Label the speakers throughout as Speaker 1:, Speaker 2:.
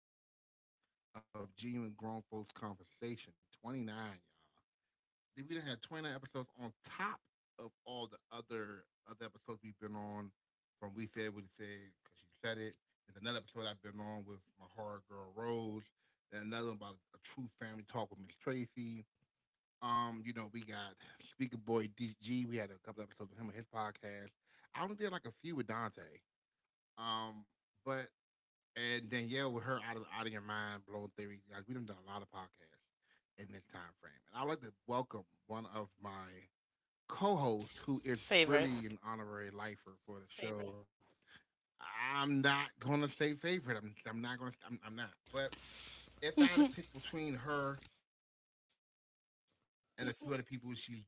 Speaker 1: ninth episode of Genuine Grown Folks Conversation. 29, y'all. We done had 29 episodes on top of all the other episodes we've been on from We Said What He Said, because she said it. There's another episode I've been on with my horror girl Rose. Then another one about a true family talk with Miss Tracy. We got Speaker Boy DG. We had a couple episodes with him on his podcast. I only did like a few with Dante. Um, but And Danielle with her out of your mind blown theory. Like we done done a lot of podcasts in this time frame, and I'd like to welcome one of my co-hosts who is
Speaker 2: Favorite.
Speaker 1: really an honorary lifer for the Favorite show. Favorite. I'm not gonna say favorite. I'm not gonna I'm not. But if I had to pick between her and a few other people, she's definitely top three.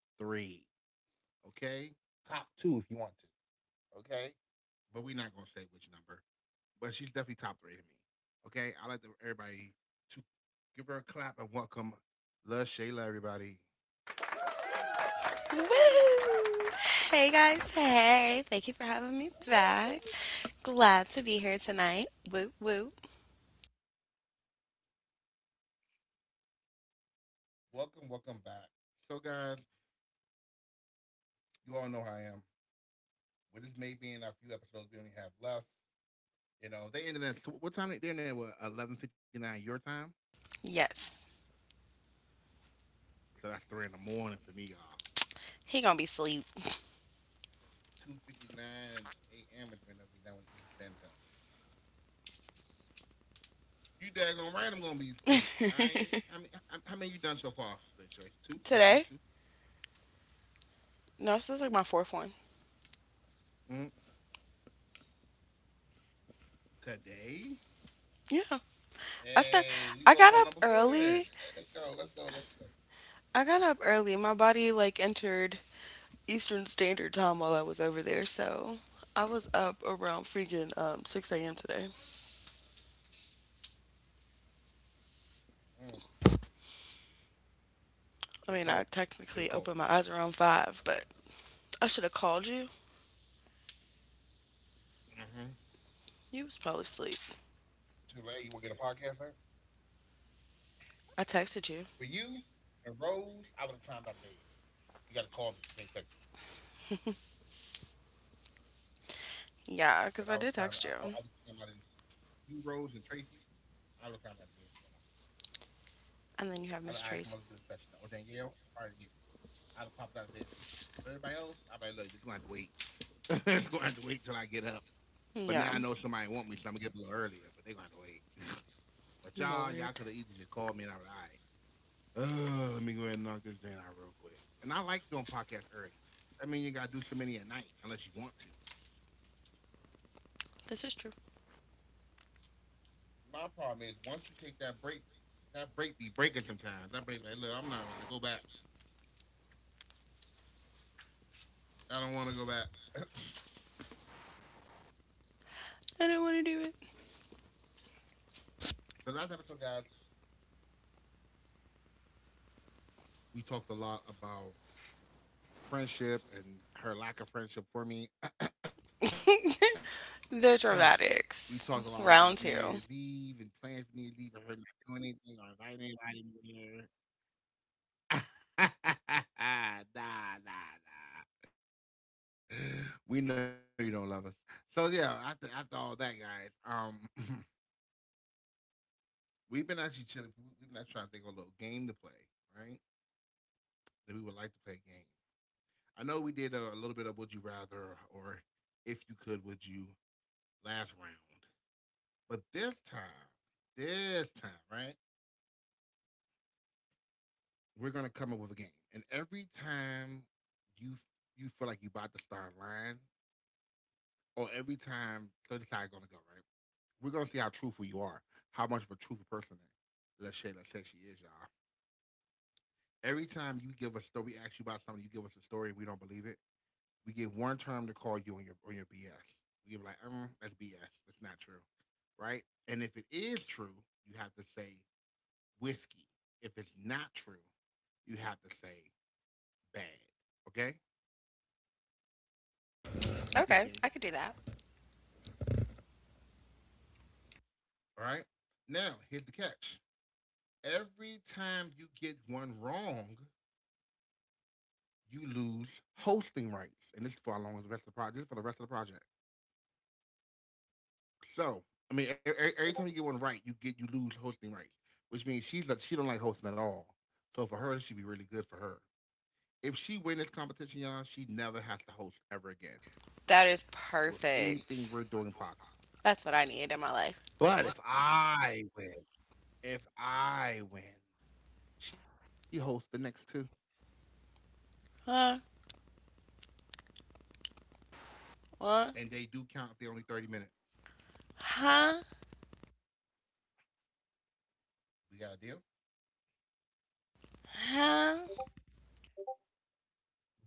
Speaker 1: Okay, top two if you want to. Okay, but we're not gonna say which number, but she's definitely top three to me. Okay, I like the, everybody to give her a clap and welcome La Shayla, everybody.
Speaker 2: Woo! Hey guys, hey. Thank you for having me back. Glad to be here tonight. Woo woo.
Speaker 1: Welcome, welcome back. So, guys, you all know how I am. With this may being a few episodes we only have left, you know, they ended at what time? They ended at 11:59 your time.
Speaker 2: Yes.
Speaker 1: So that's three in the morning for me, y'all.
Speaker 2: He gonna be sleep
Speaker 1: 2:59 a.m. is when they'll be done with Eastern Standard Time. You daggone right, I'm gonna be asleep. I mean, how many you done so far? They say two, just these two.
Speaker 2: today. No, this is like my fourth one.
Speaker 1: Mm, Today,
Speaker 2: Yeah. I start
Speaker 1: hey, we both
Speaker 2: I
Speaker 1: on
Speaker 2: got
Speaker 1: number
Speaker 2: up
Speaker 1: four then. Hey,
Speaker 2: early.
Speaker 1: let's go. Let's go. Let's go.
Speaker 2: I got up early. My body like entered Eastern Standard Time while I was over there, so I was up around freaking 6 a.m. today.
Speaker 1: Mm, Should have called
Speaker 2: I
Speaker 1: me.
Speaker 2: mean I
Speaker 1: Should have called
Speaker 2: technically opened my eyes around five, but I should have called you.
Speaker 1: me. Hmm
Speaker 2: You was probably asleep.
Speaker 1: Too late. You want to get a podcast man?
Speaker 2: I texted you.
Speaker 1: For you and Rose, I would have climbed out of bed. You got to call me. You can't text me.
Speaker 2: Yeah, because I
Speaker 1: Because I
Speaker 2: did
Speaker 1: would have
Speaker 2: text
Speaker 1: climbed, I
Speaker 2: you.
Speaker 1: would have climbed out of bed. For you, Rose, and Tracy, I would have climbed out of bed for y'all.
Speaker 2: And then
Speaker 1: I'd
Speaker 2: you
Speaker 1: have,
Speaker 2: have
Speaker 1: all right,
Speaker 2: Miss
Speaker 1: come on, let's get
Speaker 2: Trace.
Speaker 1: a session. Or Danielle, I'd get it. I'd have popped out of bed for y'all. But everybody else, I'd be like, look, you're going to have to wait. You going to have to wait till I get up. But
Speaker 2: Yeah,
Speaker 1: now I know somebody want me, so I'm going to get up a little earlier. But they're going to have to wait. But y'all,
Speaker 2: Lord.
Speaker 1: y'all could have easily just called me and I'm like, all right, let me go ahead and knock this down out real quick. And I like doing podcasts early. I mean, you gotta do so many at night unless you want to.
Speaker 2: This is true.
Speaker 1: My problem is once you take that break be breaking sometimes. That break like, look, I'm not about to go back. I don't want to go back. So
Speaker 2: I don't want to do it.
Speaker 1: last episode, guys, we talked a lot about friendship and her lack of friendship for me. We talked a lot
Speaker 2: The
Speaker 1: about New Year's
Speaker 2: dramatics.
Speaker 1: Eve and plans
Speaker 2: Round
Speaker 1: for New Year's Eve
Speaker 2: two.
Speaker 1: and her not doing anything or inviting anybody there. nah, nah, nah. We know you don't love us. So yeah, after all that, guys, we've been actually chilling. We've been actually trying to think of a little game to play, right? That we would like to play a game. I know we did a little bit of would you rather or if you could, would you last round. But this time, right? We're gonna come up with a game, and every time you you feel like you about to start lying, or every time thirty side gonna go right. We're gonna see how truthful you are, how much of a truthful person that us say let's say she is, y'all. Every time you give a story, we ask you about something, you give us a story, we don't believe it. We give one term to call you on your BS. We give like, that's BS. That's not true, right? And if it is true, you have to say whiskey. If it's not true, you have to say bad. Okay? Do you get the game?
Speaker 2: Okay, I could do that.
Speaker 1: All right. Now here's the catch. Every time you get one wrong, you lose hosting rights, and this is for how long is the rest of the project? This is for the rest of the project. So, I mean, every time you get one right, you get you lose hosting rights, which means she's like she don't like hosting at all. So for her, this should be really good for her. If she wins this competition, y'all, she never has to host ever again
Speaker 2: That is
Speaker 1: with
Speaker 2: perfect.
Speaker 1: anything we're doing podcast.
Speaker 2: That's what I need in my life.
Speaker 1: But if I win, she hosts the next two,
Speaker 2: Huh?
Speaker 1: and
Speaker 2: What?
Speaker 1: they do count if they're only 30 minutes.
Speaker 2: Huh?
Speaker 1: We got a deal.
Speaker 2: Huh?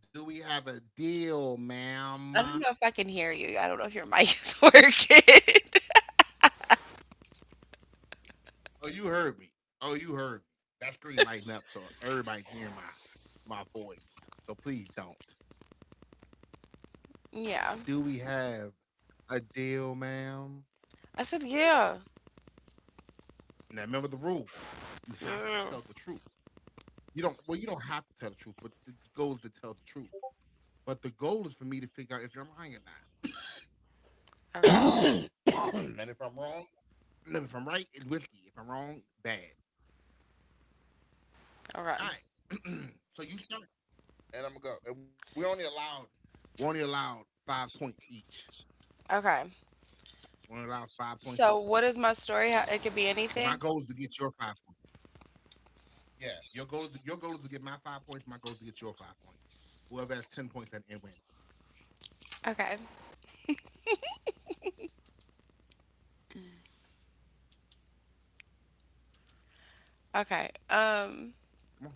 Speaker 1: Do we have a deal, ma'am?
Speaker 2: I don't, I don't know if your mic is working.
Speaker 1: Oh, you heard me. Oh, you heard me. That screen lighting up so everybody's hearing my voice. So please don't.
Speaker 2: Yeah.
Speaker 1: Do we have a deal, ma'am?
Speaker 2: I said, yeah.
Speaker 1: Now remember the rules. You have to
Speaker 2: Ugh.
Speaker 1: tell the truth. You don't. Well, you don't have to tell the truth, but the goal is to tell the truth. But the goal is for me to figure out if you're lying or
Speaker 2: Okay,
Speaker 1: not. And if I'm wrong, no, if I'm right, it's whiskey. If I'm wrong, bad.
Speaker 2: okay,
Speaker 1: All right. So you start, and I'm gonna go. And we only allowed 5 points each.
Speaker 2: okay.
Speaker 1: We only allowed five
Speaker 2: So,
Speaker 1: points each.
Speaker 2: what is my story? It could be anything.
Speaker 1: So my goal is to get your 5 points. Yeah, your goal is to, your goal is to get my 5 points. My goal is to get your 5 points. Whoever has 10 points at the end wins.
Speaker 2: Okay, okay. Um,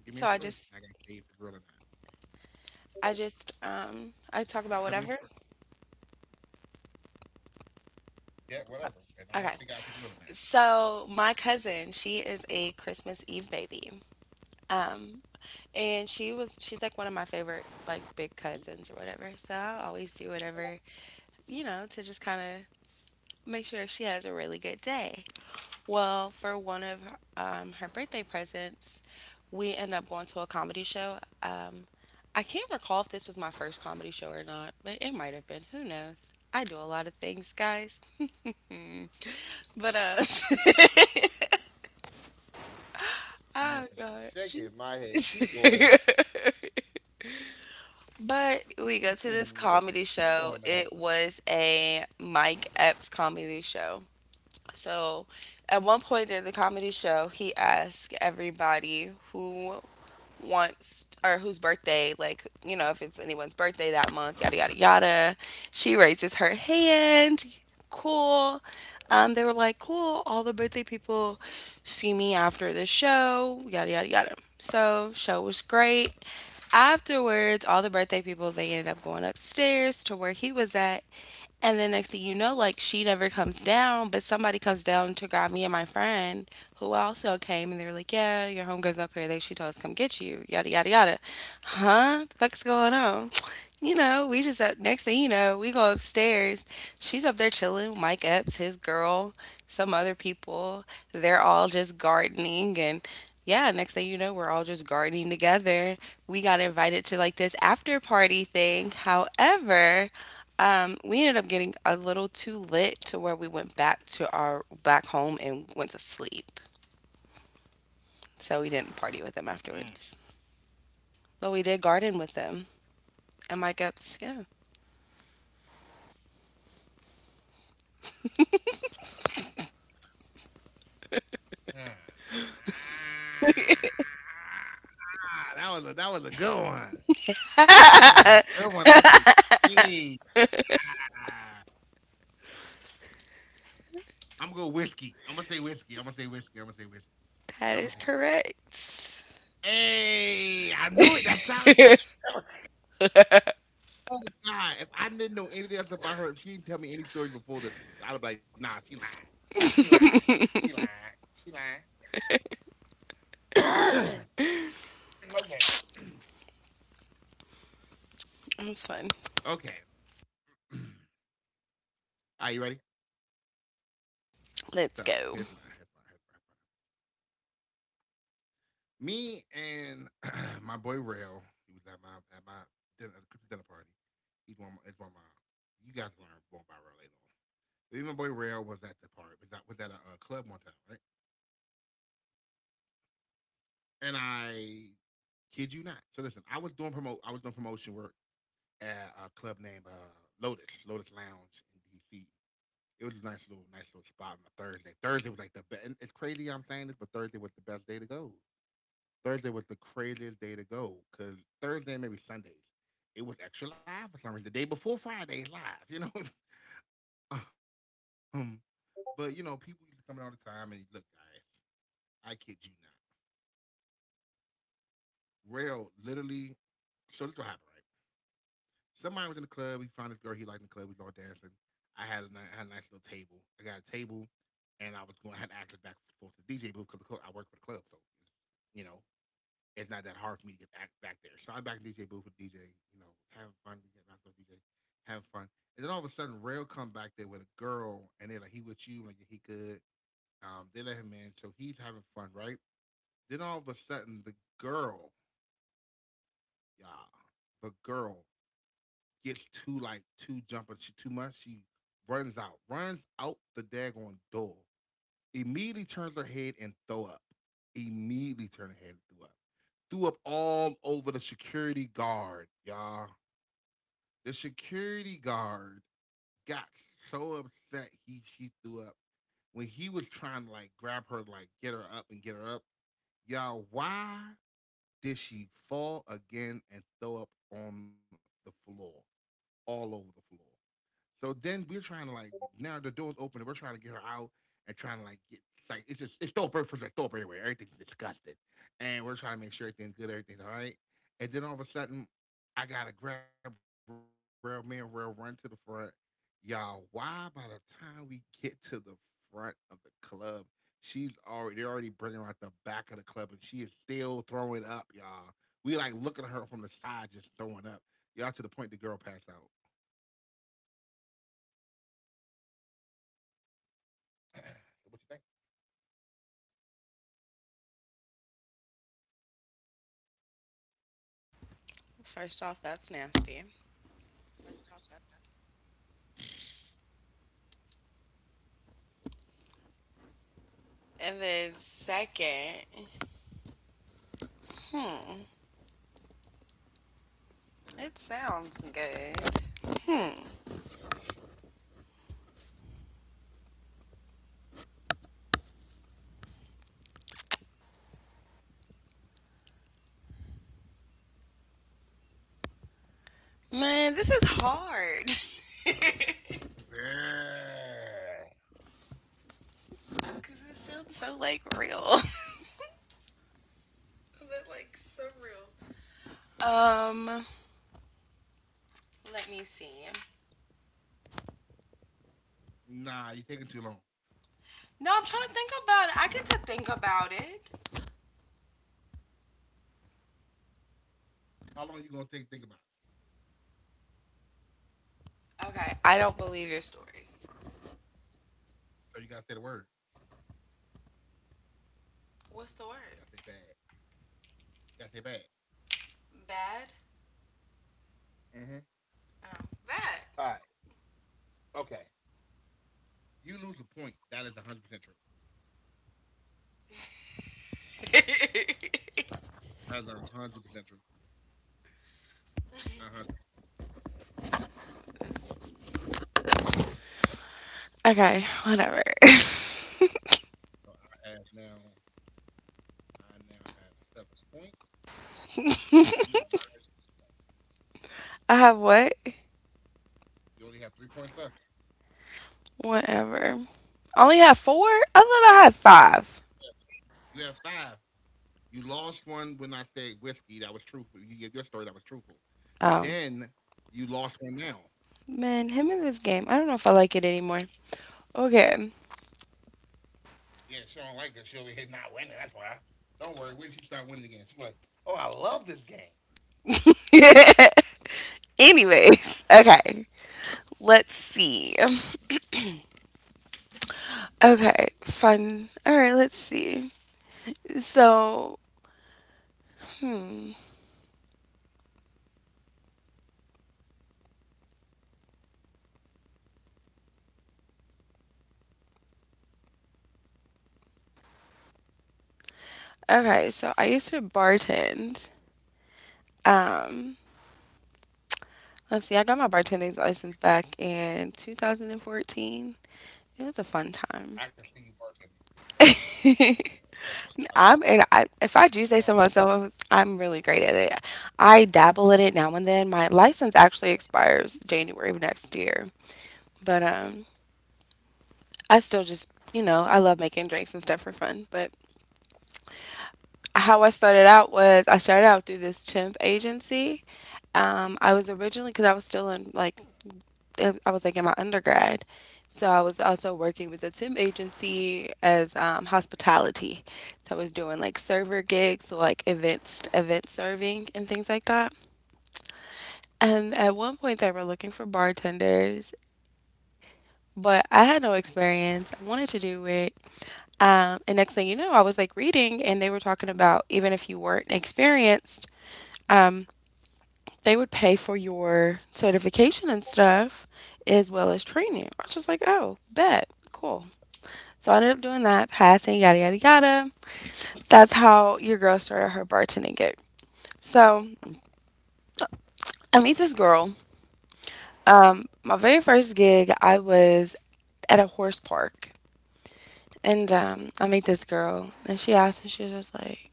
Speaker 1: Come on,
Speaker 2: so
Speaker 1: give me a story. I gotta tell you if it's real or not.
Speaker 2: I talk about
Speaker 1: Just tell
Speaker 2: whatever.
Speaker 1: me a story. Yeah, whatever, and I will figure out if it's real or not.
Speaker 2: Okay. So my cousin, she is a Christmas Eve baby. Um and she's like one of my favorite like big
Speaker 1: Ooh,
Speaker 2: cousins or whatever. So I always do whatever, to just kind of make sure she has a really good day. Well, for one of her birthday presents, we ended up going to a comedy show. I can't recall if this was my first comedy show or not, but it might have been. Who knows? I do a lot of things, guys. But,
Speaker 1: my
Speaker 2: oh
Speaker 1: head
Speaker 2: gosh.
Speaker 1: shaking. My head. Keep going.
Speaker 2: But we go
Speaker 1: Mm,
Speaker 2: to this
Speaker 1: keep
Speaker 2: comedy
Speaker 1: going, ma'am.
Speaker 2: show. It was a Mike Epps comedy show. So at one point in the comedy show, he asked everybody who wants or whose birthday, like, you know, if it's anyone's birthday that month, yada, yada, yada. She raises her hand. Cool. They were like, cool. All the birthday people see me after the show, yada, yada, yada. So, show was great. Afterwards, all the birthday people, they ended up going upstairs to where he was at. And then next thing you know, like she never comes down, but somebody comes down to grab me and my friend who also came, and they were like, yeah, your homegirl's up here. They she told us to come get you, yada, yada, yada. Huh? The fuck's going on? You know, we just up. Next thing you know, we go upstairs. She's up there chilling, Mike Epps, his girl, some other people. They're all just gardening, and yeah, next thing you know, we're all just gardening together. We got invited to like this after party thing. However, we ended up getting a little too lit to where we went back to our back home and went to sleep. So we didn't party with them afterwards. But we did garden with them. And my gups, yeah.
Speaker 1: Mm. Ah, that was a good one. That was a good one. I was like, hey, ah, I'm going whiskey. I'm gonna say whiskey. I'm gonna say whiskey. I'm gonna say whiskey.
Speaker 2: That
Speaker 1: I'm gonna
Speaker 2: is
Speaker 1: say whiskey.
Speaker 2: correct.
Speaker 1: Hey, I knew it. That sounded like you. Oh my god! If I didn't know anything else about her, if she didn't tell me any stories before this, I'd be like, nah, she lying. She lying. She lying. She lying. Okay.
Speaker 2: It was fun.
Speaker 1: Okay. Are you ready? So
Speaker 2: Let's
Speaker 1: here's
Speaker 2: go.
Speaker 1: my here's my here's my me and my boy Rail, he was at my dinner at the dinner party. He's one it's one of my you guys learn more about Rail later on. But even my boy Rail was at the party, was that was at a, club one time, right? And I kid you not. So listen, I was doing promotion work at a club named Lotus, Lotus Lounge in DC. It was a nice little spot on a Thursday. Thursday was like the best. It's crazy I'm saying this, but Thursday was the best day to go. Thursday was the craziest day to go because Thursday maybe Sundays it was extra live for some reason. The day before Friday is live, you know. um, but you know, people used to come in all the time and look, guys, I kid you not. Rail literally. So this what happened, right? Somebody was in the club. We found this girl he liked in the club. We was all dancing. I had a, I had a nice little table. I got a table, and I was going. I had access back and forth to the DJ booth because I work for the club, so you know, it's not that hard for me to get back there. So I'm back in DJ booth with DJ, you know, having fun. We get out there, DJ, having fun. And then all of a sudden, Rail come back there with a girl, and they're like, "He with you?" Like he good. They let him in, so he's having fun, right? Then all of a sudden, the girl, yeah, the girl gets too jumping she, too much. She runs out the daggone door. Immediately turns her head and throw up. Immediately turn her head and throw up. Threw up all over the security guard, y'all. The security guard got so upset he she threw up when he was trying to like grab her, like get her up and get her up. Y'all, why did she fall again and throw up on the floor, all over the floor? So then we're trying to like, now the door's open and we're trying to get her out, and trying to like get, like it's just it's throw up first, like throw up everywhere. Everything's disgusting. And we're trying to make sure everything's good, everything's all right. And then all of a sudden I gotta grab rail, man, rail, run to the front. Y'all, why by the time we get to the front of the club, she's already they're already bringing her out the back of the club and she is still throwing up, y'all. We like looking at her from the side, just throwing up. Y'all, to the point the girl passed out. What you think?
Speaker 2: First off, that's nasty. And then second, hmm, it sounds good. Man, this is hard. Cause
Speaker 1: Yeah.
Speaker 2: it sounds so like real. But like surreal. Um, let me see.
Speaker 1: Nah, you're taking too long.
Speaker 2: No, I'm trying to think about it. I get to think about it.
Speaker 1: How long are you gonna take to think about it?
Speaker 2: Okay, I don't believe your story.
Speaker 1: So you gotta say the word.
Speaker 2: What's the word?
Speaker 1: You gotta say bad. You gotta say bad.
Speaker 2: Bad?
Speaker 1: Mm-hmm.
Speaker 2: Bad.
Speaker 1: All right. Okay. You lose a point. That is 100 percent true. That is 100 percent true. 100 percent.
Speaker 2: Okay, whatever.
Speaker 1: So I have now. I now have 7 points. You are minus one.
Speaker 2: I have what?
Speaker 1: You only have 3 points left.
Speaker 2: Whatever. I only have four? I thought I had five.
Speaker 1: Yeah. You have five. You lost one when I said whiskey. That was truthful. You gave your story. That was truthful.
Speaker 2: Um,
Speaker 1: Then you lost one now.
Speaker 2: Man, him in this game. I don't know if I like it anymore. Okay.
Speaker 1: Yeah, she don't like that. She'll be hit not winning. That's why. Don't worry. When she start winning again, she's like, "Oh, I love this game."
Speaker 2: Anyways, okay. Let's see. Okay, fun. All right, let's see. So, hmm. Okay, so I used to bartend Um, let's see. I got my bartending
Speaker 1: I
Speaker 2: license
Speaker 1: can
Speaker 2: back in 2014. It was a fun time.
Speaker 1: I can see you bartending. It's crazy. Such a I
Speaker 2: I'm and
Speaker 1: love that.
Speaker 2: I, if I do say so
Speaker 1: Drama.
Speaker 2: myself, I'm really great at it. I dabble in it now and then. My license actually expires January of next year, but I still just I love making drinks and stuff for fun. But how I started out was I started out through this chimp agency. I was originally because I was still in I was like in my undergrad. So I was also working with a temp agency as hospitality. So I was doing like server gigs, so like events, event serving, and things like that. And at one point they were looking for bartenders, but I had no experience. I wanted to do it. And next thing you know, I was like reading, and they were talking about even if you weren't experienced, um, they would pay for your certification and stuff as well as training. I was just like, oh, bet, cool. So I ended up doing that, passing, yada, yada, yada. That's how your girl started her bartending gig. So I meet this girl. My very first gig, I was at a horse park. And I meet this girl, and she asked me, she was just like,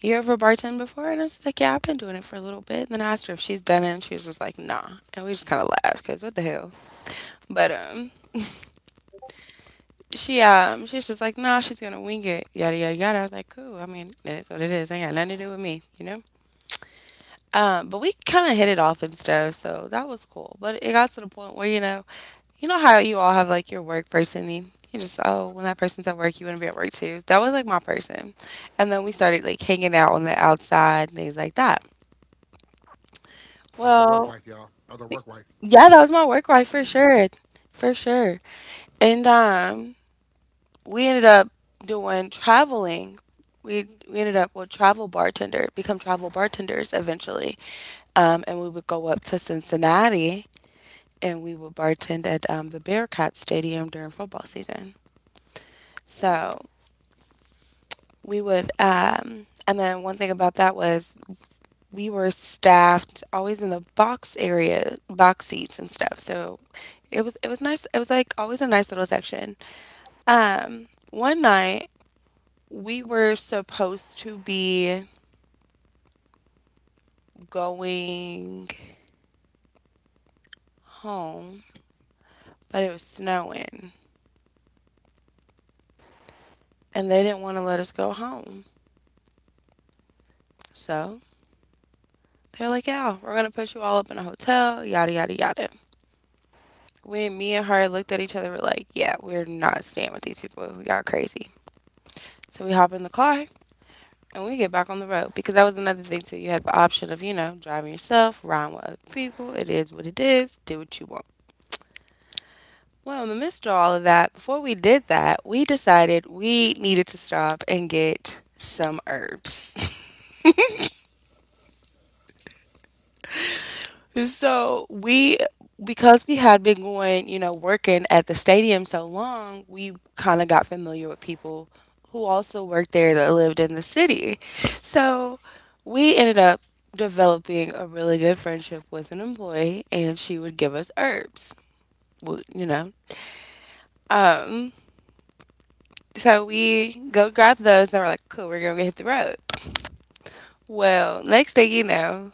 Speaker 2: you ever bartend before? And I was like, yeah, I've been doing it for a little bit. And then I asked her if she's done it, and she was just like, nah. And we just kind of laughed, because what the hell? But she was just like, nah, she's going to wing it, yada, yada, yada. I was like, cool. I mean, it is what it is. Ain't got nothing to do with me, you know? But we kind of hit it off and stuff, so that was cool. But it got to the point where, you know how you all have like your work person, and you just, oh, when that person's at work, you want to be at work too. That was like my person. And then we started like hanging out on the
Speaker 1: Mm.
Speaker 2: outside, and things like that.
Speaker 1: I was a
Speaker 2: Well,
Speaker 1: work wife, y'all. I was a work wife.
Speaker 2: yeah, that was my work wife for sure. For sure. And we ended up doing traveling. We ended up with travel bartender, become travel bartenders eventually. And we would go up to Cincinnati, and we would bartend at the Bearcat Stadium during football season. So
Speaker 1: Ooh.
Speaker 2: and then one thing about that was we were staffed always in the box area, box seats, and stuff. So it was nice. It was like always a nice little section. One night we were supposed to be going home, but it was snowing, and they didn't want to let us go home. So they're like, yeah, we're gonna put you all up in a hotel, yada, yada, yada. When me and her looked at each other, we're like, yeah, we're not staying with these people. Y'all crazy. So we hop in the car, and we get back on the road, because that was another thing too. You had the option of driving yourself, riding with other people. It is what it is. Do what you want. Well, in the midst of all of that, before we did that, we decided we needed to stop and get some herbs. So because we had been going, you know, working at the stadium so long, we kind of got familiar with people who also worked there that lived in the city. So we ended up developing a really good friendship with an employee, and she would give us herbs, you know. Um, so we go grab those, and we're like, cool, we're gonna hit the road. Well, next thing you know,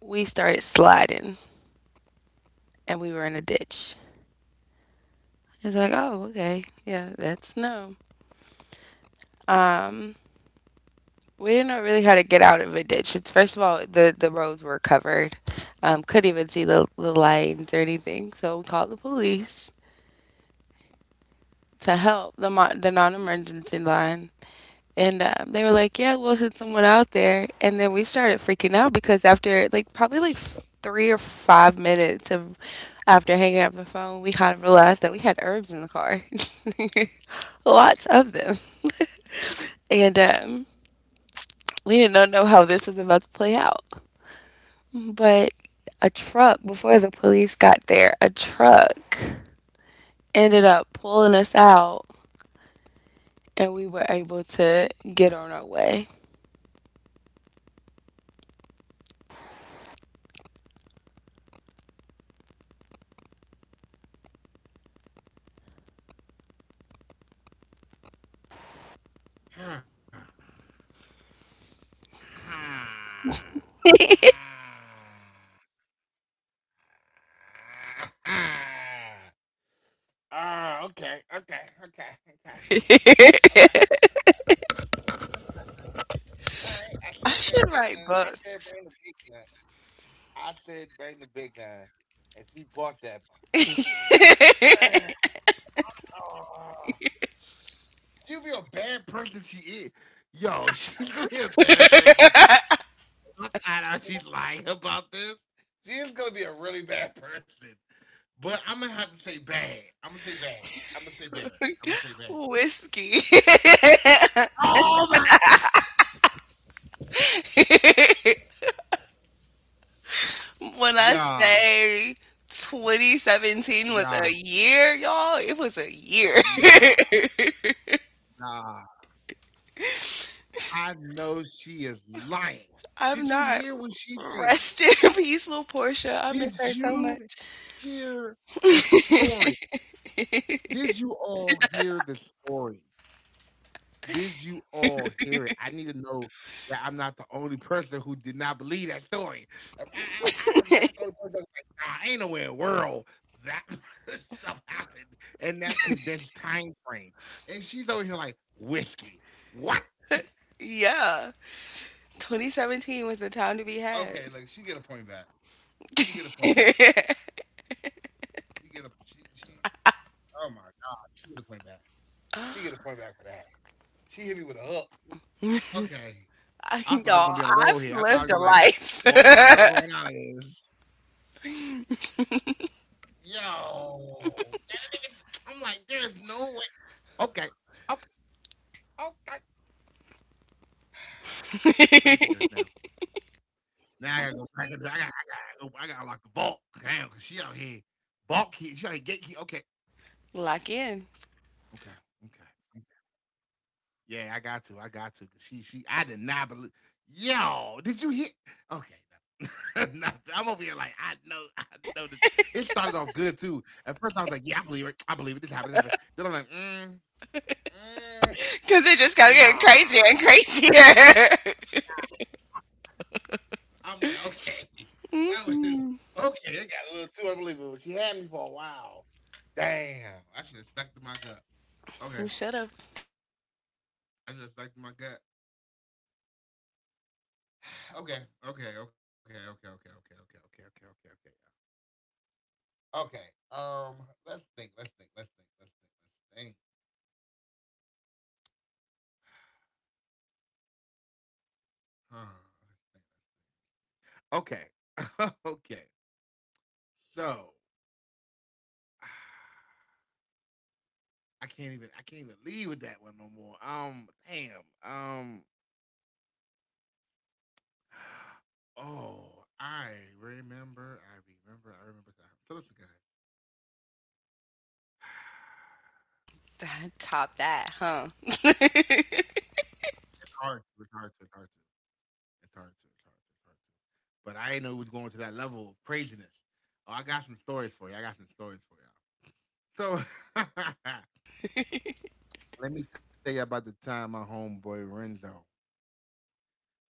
Speaker 2: we started sliding, and we were in a ditch. It's like, oh, okay. Yeah, that's no. Um, we didn't know really how to get out of a ditch. It's first of all, the roads were covered. Couldn't even see the lines or anything. So we called the police to help the non-emergency line. And they were like, "Yeah, we'll send someone out there." And then we started freaking out, because after like probably 3 or 5 minutes of after hanging up the phone, we kind of realized that we had herbs in the car, lots of them. And we did not know how this was about to play out. But a truck, before the police got there, a truck ended up pulling us out, and we were able to get on our way.
Speaker 1: Ah, ah, okay, okay, okay, okay, okay. Okay. All right, I
Speaker 2: I
Speaker 1: said bring the
Speaker 2: should
Speaker 1: big
Speaker 2: write
Speaker 1: gun. I
Speaker 2: book
Speaker 1: said bring the big gun. I said bring the big gun, and she bought that. mother- oh. She'll be a bad person if she is. Yo, she's gonna be a bad person if she is. I know she's lying about this. She is gonna be a really bad person. But I'm gonna have to say bad. I'm gonna say bad. I'm gonna say bad. I'm gonna say bad.
Speaker 2: whiskey.
Speaker 1: Oh my.
Speaker 2: When I
Speaker 1: Yeah,
Speaker 2: say 2017 was
Speaker 1: yeah,
Speaker 2: a year, y'all, it was a year.
Speaker 1: yeah, yeah. I know she is lying.
Speaker 2: I'm
Speaker 1: Did you
Speaker 2: not.
Speaker 1: hear what she said?
Speaker 2: Rest in peace, little Portia. I miss
Speaker 1: Did
Speaker 2: her so
Speaker 1: you
Speaker 2: much.
Speaker 1: hear the story? Did you all hear the story? Did you all hear it? I need to know that I'm not the only person who did not believe that story. I am not the only person that's like, nah, ain't nowhere in the world that stuff happened in that condensed time frame. And she's over here like, whiskey. What?
Speaker 2: Yeah,
Speaker 1: Okay, like
Speaker 2: 2017 was
Speaker 1: she
Speaker 2: the
Speaker 1: get a
Speaker 2: time to
Speaker 1: point
Speaker 2: be
Speaker 1: back.
Speaker 2: had.
Speaker 1: She get a point back for that.
Speaker 2: I-
Speaker 1: She get a she she. Oh my god, she get a point back. She get a point back for that. She hit me with a hook. Okay. I thought I was gonna be on a roll
Speaker 2: Y'all,
Speaker 1: here. I thought I
Speaker 2: I've
Speaker 1: was gonna like
Speaker 2: lived a
Speaker 1: just walk
Speaker 2: life.
Speaker 1: myself on out of this. Yo, that is- I'm like, there is no way. Okay, okay, okay. Let me think of this now. Now I gotta lock the vault. Damn, cause she out here, vault key. She out here gatekeep. Okay,
Speaker 2: Lock in.
Speaker 1: okay, okay. Yeah, I got to. I got to. 'Cause I did not believe. Yo, did you hear? Okay. nothing. I'm over here like I know this. It started off good too. At first, I was like, "Yeah, I believe it. I believe it. This happened. This happened." Then I'm like, mm, mm,
Speaker 2: Because it just kept getting
Speaker 1: "Nah."
Speaker 2: crazier and
Speaker 1: I'm like, "Okay, that was
Speaker 2: crazier.
Speaker 1: okay." It got a little too unbelievable. She had me for a while. Damn, I should have stuck to my gut.
Speaker 2: Who
Speaker 1: Okay,
Speaker 2: should have
Speaker 1: I should have stuck to my gut. Okay, okay, okay, okay, okay, okay, okay, okay, okay, okay, okay. Okay. Um, let's think. Let's think. Let's think. Let's think. Let's think. Huh, let's think. Let's think. Okay. okay. So I can't even. I can't even leave with that one no more. Damn. Oh, I remember. I remember. I remember that. So listen, guys.
Speaker 2: topped that, huh?
Speaker 1: It's hard to. It's hard to. It's hard to. It's hard to. It's hard to. But I didn't know it was going to that level of craziness. Oh, I got some stories for you. I got some stories for you. So let me tell you about the time my homeboy Renzo.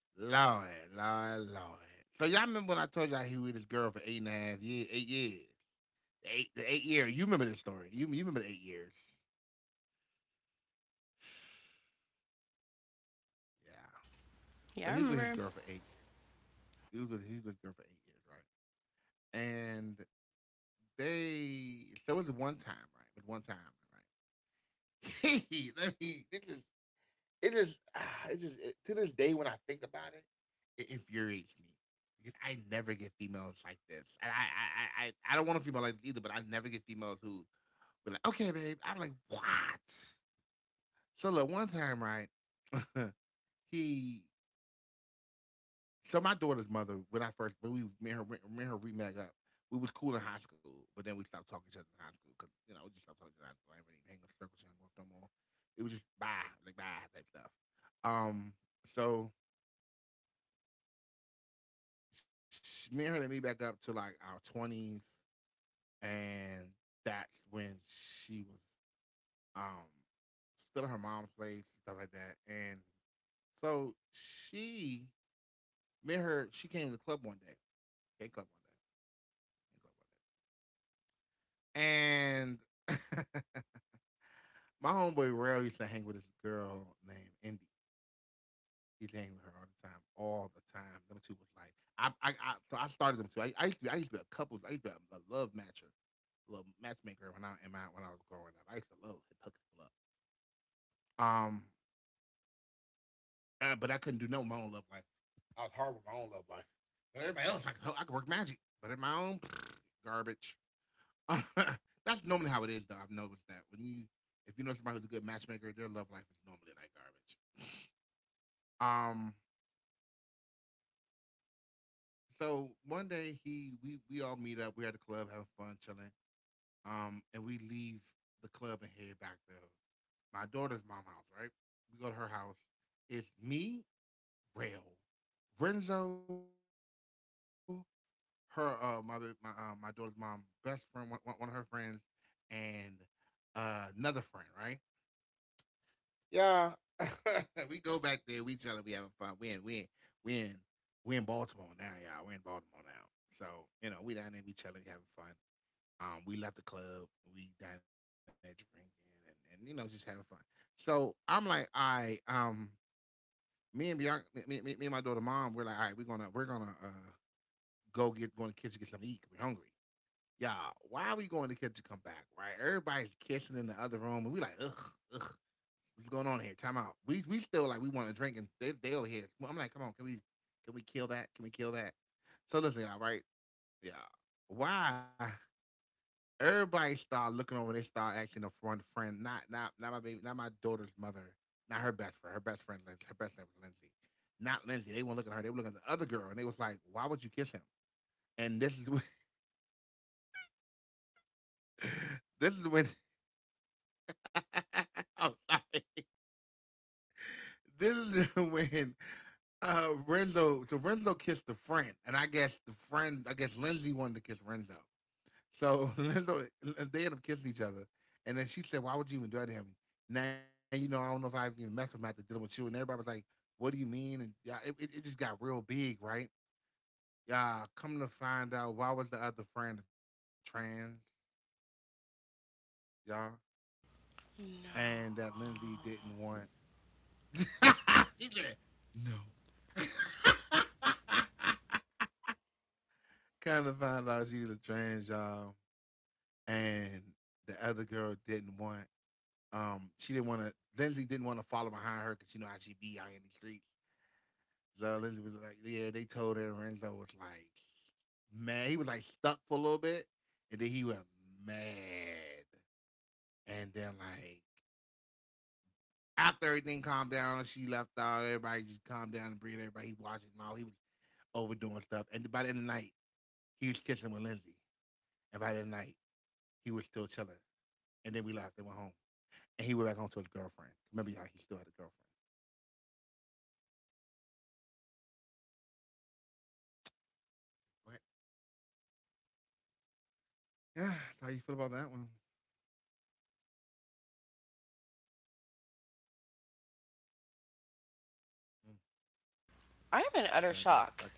Speaker 1: Lord, Lord, Lord. So y'all remember when I told y'all he was with his girl for eight and a half years, 8 years. Eight the 8 years. You remember this story. You remember the 8 years. Yeah.
Speaker 2: Yeah,
Speaker 1: So
Speaker 2: I
Speaker 1: he was with his
Speaker 2: remember.
Speaker 1: girl for 8 years. He was with his girl for 8 years, right? And they so it was one time, right? It was one time, right? let me this is. It just, ah, it just it, to this day when I think about it, it infuriates me because I never get females like this, and I don't want a female like this either. But I never get females who be like, "Okay, babe," I'm like, "What?" So look, one time, right, he, so my daughter's mother, when I first, when we met her remag up, we was cool in high school, but then we stopped talking to each other in high school because you know we just stopped talking to each other in high school. I ain't really hanging with circle with no more. It was just bye, like bye type stuff. Um, so she, me and her, they meet back up to like our twenties, and that's when she was um still at her mom's place, stuff like that. And so she, me and her, she came to the club one day, gay club one day, gay club one day, and my homeboy Rail used to hang with this girl named Indy. He hang with her all the time, all the time. Them two was like, so I started them two. I used to, be, I used to be a couple. I used to be a love matcher. Little matchmaker when I in my, when I was growing up. I used to love to hook people up. Um, but I couldn't do no my own love life. I was hard with my own love life. But everybody else, I could work magic. But in my own garbage. That's normally how it is, though. I've noticed that when you, if you know somebody who's a good matchmaker, their love life is normally like garbage. Um, so one day he, we all meet up. We're at the club having fun, chilling. And we leave the club and head back to my daughter's mom house, right? We go to her house. It's me, Rail, Renzo, her mother, my my daughter's mom, best friend, one of her friends, and another friend, right? Yeah. we go back there. We tell her we having fun. We in we in Baltimore now, y'all. We're in Baltimore now. So you know we down there. We chilling, having fun. We left the club. We down there drinking and you know just having fun. So I'm like, I me and Bianca, and my daughter mom, we're like, all right, we're gonna go get go in the kitchen get something to eat. 'Cause we're hungry. Y'all, why are we going to the kitchen? Come back, right? Everybody's kissing in the other room, and we like, ugh, ugh, what's going on here? Time out. We still like we want to drink, and they over here. I'm like, come on, can we kill that? Can we kill that? So listen, y'all, right? Yeah, why everybody start looking over. They start acting a front friend. Not my baby. Not my daughter's mother. Not her best friend. Her best friend. Lindsay, her best friend was Lindsay. Not Lindsay. They weren't looking at her. They were looking at the other girl, and they was like, "Why would you kiss him?" And this is when, this is when I'm sorry. This is when Renzo. So Renzo kissed the friend, and I guess the friend. I guess Lindsay wanted to kiss Renzo. So they end up kissing each other. And then she said, "Why would you even do that to him? Now, you know, I don't know if I was even messed with him after dealing with you." And everybody was like, "What do you mean?" And yeah, it just got real big, right? Y'all, come to find out, why was the other friend a trans, y'all? And that Lindsay didn't want. she said, "No." kind of find out she was a trans, y'all. And the other girl didn't want. She didn't want to. Lindsay didn't want to follow behind her because you know how she be out in the streets. So Lindsay was like, "Yeah." They told her Renzo was like mad. He was like stuck for a little bit, and then he went mad. And then like after everything calmed down, she left out. Everybody just calmed down and breathed. Everybody he washed his mouth. He was overdoing stuff. And by the end of the night, he was kissing with Lindsay. And by the end of the night, he was still chilling. And then we left. They went home. And he went back home to his girlfriend. Remember, y'all, he still had a girlfriend. But yeah, how you feel about that one? Mm.
Speaker 2: I'm in
Speaker 1: I
Speaker 2: utter
Speaker 1: think I got him
Speaker 2: shock.
Speaker 1: stuck,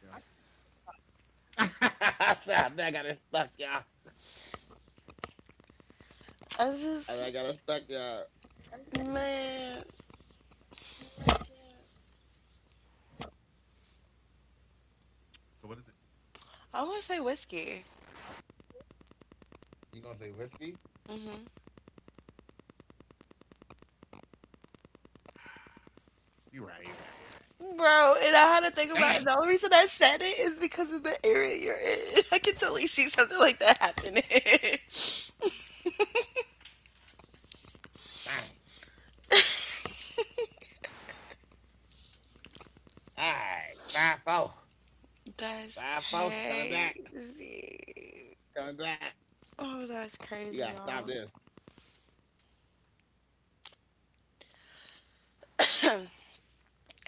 Speaker 1: y'all. I think I got it stuck, y'all.
Speaker 2: I
Speaker 1: I
Speaker 2: was
Speaker 1: think I got
Speaker 2: just,
Speaker 1: it stuck, y'all.
Speaker 2: man,
Speaker 1: So what is it?
Speaker 2: I want to say whiskey.
Speaker 1: You gonna say whiskey? You right, you right, you
Speaker 2: Bro, and I had to think
Speaker 1: right. You right.
Speaker 2: about
Speaker 1: Dang,
Speaker 2: it. The only reason I said it is because of the area you're in. I could totally see something like that happening.
Speaker 1: dang. All right, five four,
Speaker 2: That's
Speaker 1: five four. She coming back.
Speaker 2: crazy.
Speaker 1: She coming back.
Speaker 2: Oh, that's
Speaker 1: We
Speaker 2: crazy,
Speaker 1: gotta stop
Speaker 2: y'all.
Speaker 1: this.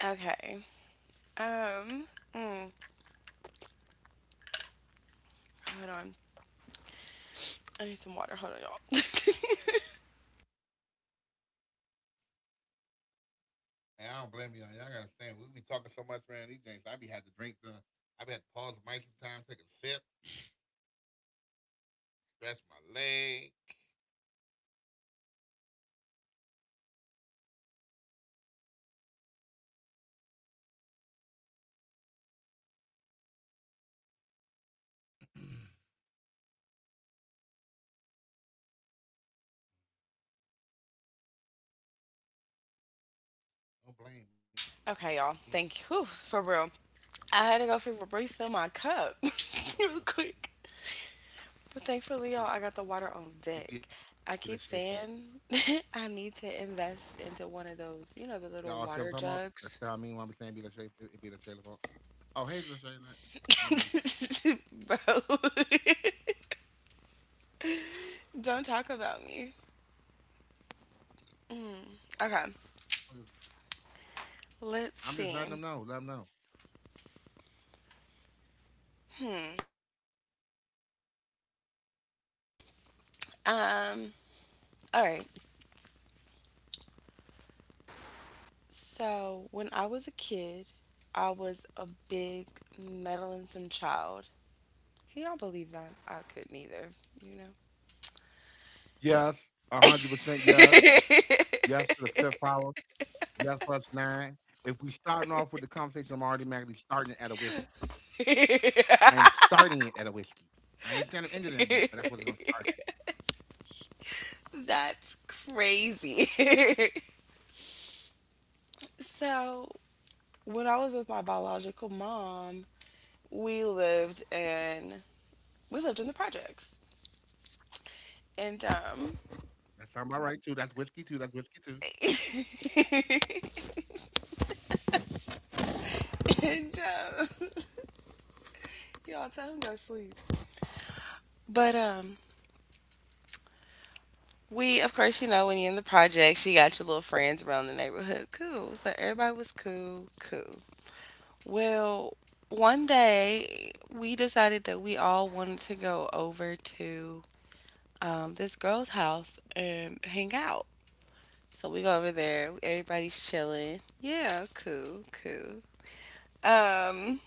Speaker 2: Okay. Um. mm, hold on. I need some water. Hold on, y'all.
Speaker 1: And I don't blame y'all. Y'all gotta understand. We be talking so much, man. These things, I be had to drink the. I be had to pause the mic sometimes, take a sip, stretch my leg. don't blame me, man. Don't
Speaker 2: Okay, y'all.
Speaker 1: blame me,
Speaker 2: Thank you.
Speaker 1: guys.
Speaker 2: Whew, for real. I had to go
Speaker 1: Sometimes
Speaker 2: for
Speaker 1: I always.
Speaker 2: refill my cup
Speaker 1: It
Speaker 2: real
Speaker 1: be like
Speaker 2: quick.
Speaker 1: it be
Speaker 2: But
Speaker 1: the shape
Speaker 2: thankfully,
Speaker 1: fault.
Speaker 2: y'all, I got the water on deck. I keep
Speaker 1: Y'all all see what
Speaker 2: saying
Speaker 1: I'm talking about?
Speaker 2: I
Speaker 1: That's how
Speaker 2: need
Speaker 1: I mean
Speaker 2: to
Speaker 1: when I'm saying be the
Speaker 2: invest
Speaker 1: shape.
Speaker 2: into
Speaker 1: It,
Speaker 2: one
Speaker 1: it
Speaker 2: of
Speaker 1: be the
Speaker 2: those,
Speaker 1: shape fault.
Speaker 2: the little
Speaker 1: Oh,
Speaker 2: water
Speaker 1: hey, the.
Speaker 2: jugs.
Speaker 1: You know,
Speaker 2: Bro, don't talk about me.
Speaker 1: I'm just
Speaker 2: Mm, okay.
Speaker 1: I'm just letting them know. Let them know.
Speaker 2: Let's see. Hmm. Um, all right. So when I was a kid, I was a big meddlesome child. Can y'all believe that? I couldn't either, you know?
Speaker 1: Yes, 100%. Yes, yes to the fifth power. Yes plus nine. If we starting off with the conversation, I'm automatically starting it at a whiskey. I am starting it at a whiskey. I ain't saying I'm ending it at that, but that's what it's gonna start
Speaker 2: That's crazy. So, when I was with my biological mom, we lived in we lived in the projects. And
Speaker 1: at. That sound about right too. That's whiskey too. That's whiskey too.
Speaker 2: and y'all tell him to go to sleep. But we, of course, you know when you're in the project, she got your little friends around the neighborhood. Cool. So everybody was cool. Cool. Well, one day we decided that we all wanted to go over to this girl's house and hang out. So we go over there. Everybody's chilling. Yeah. Cool. Cool. Um,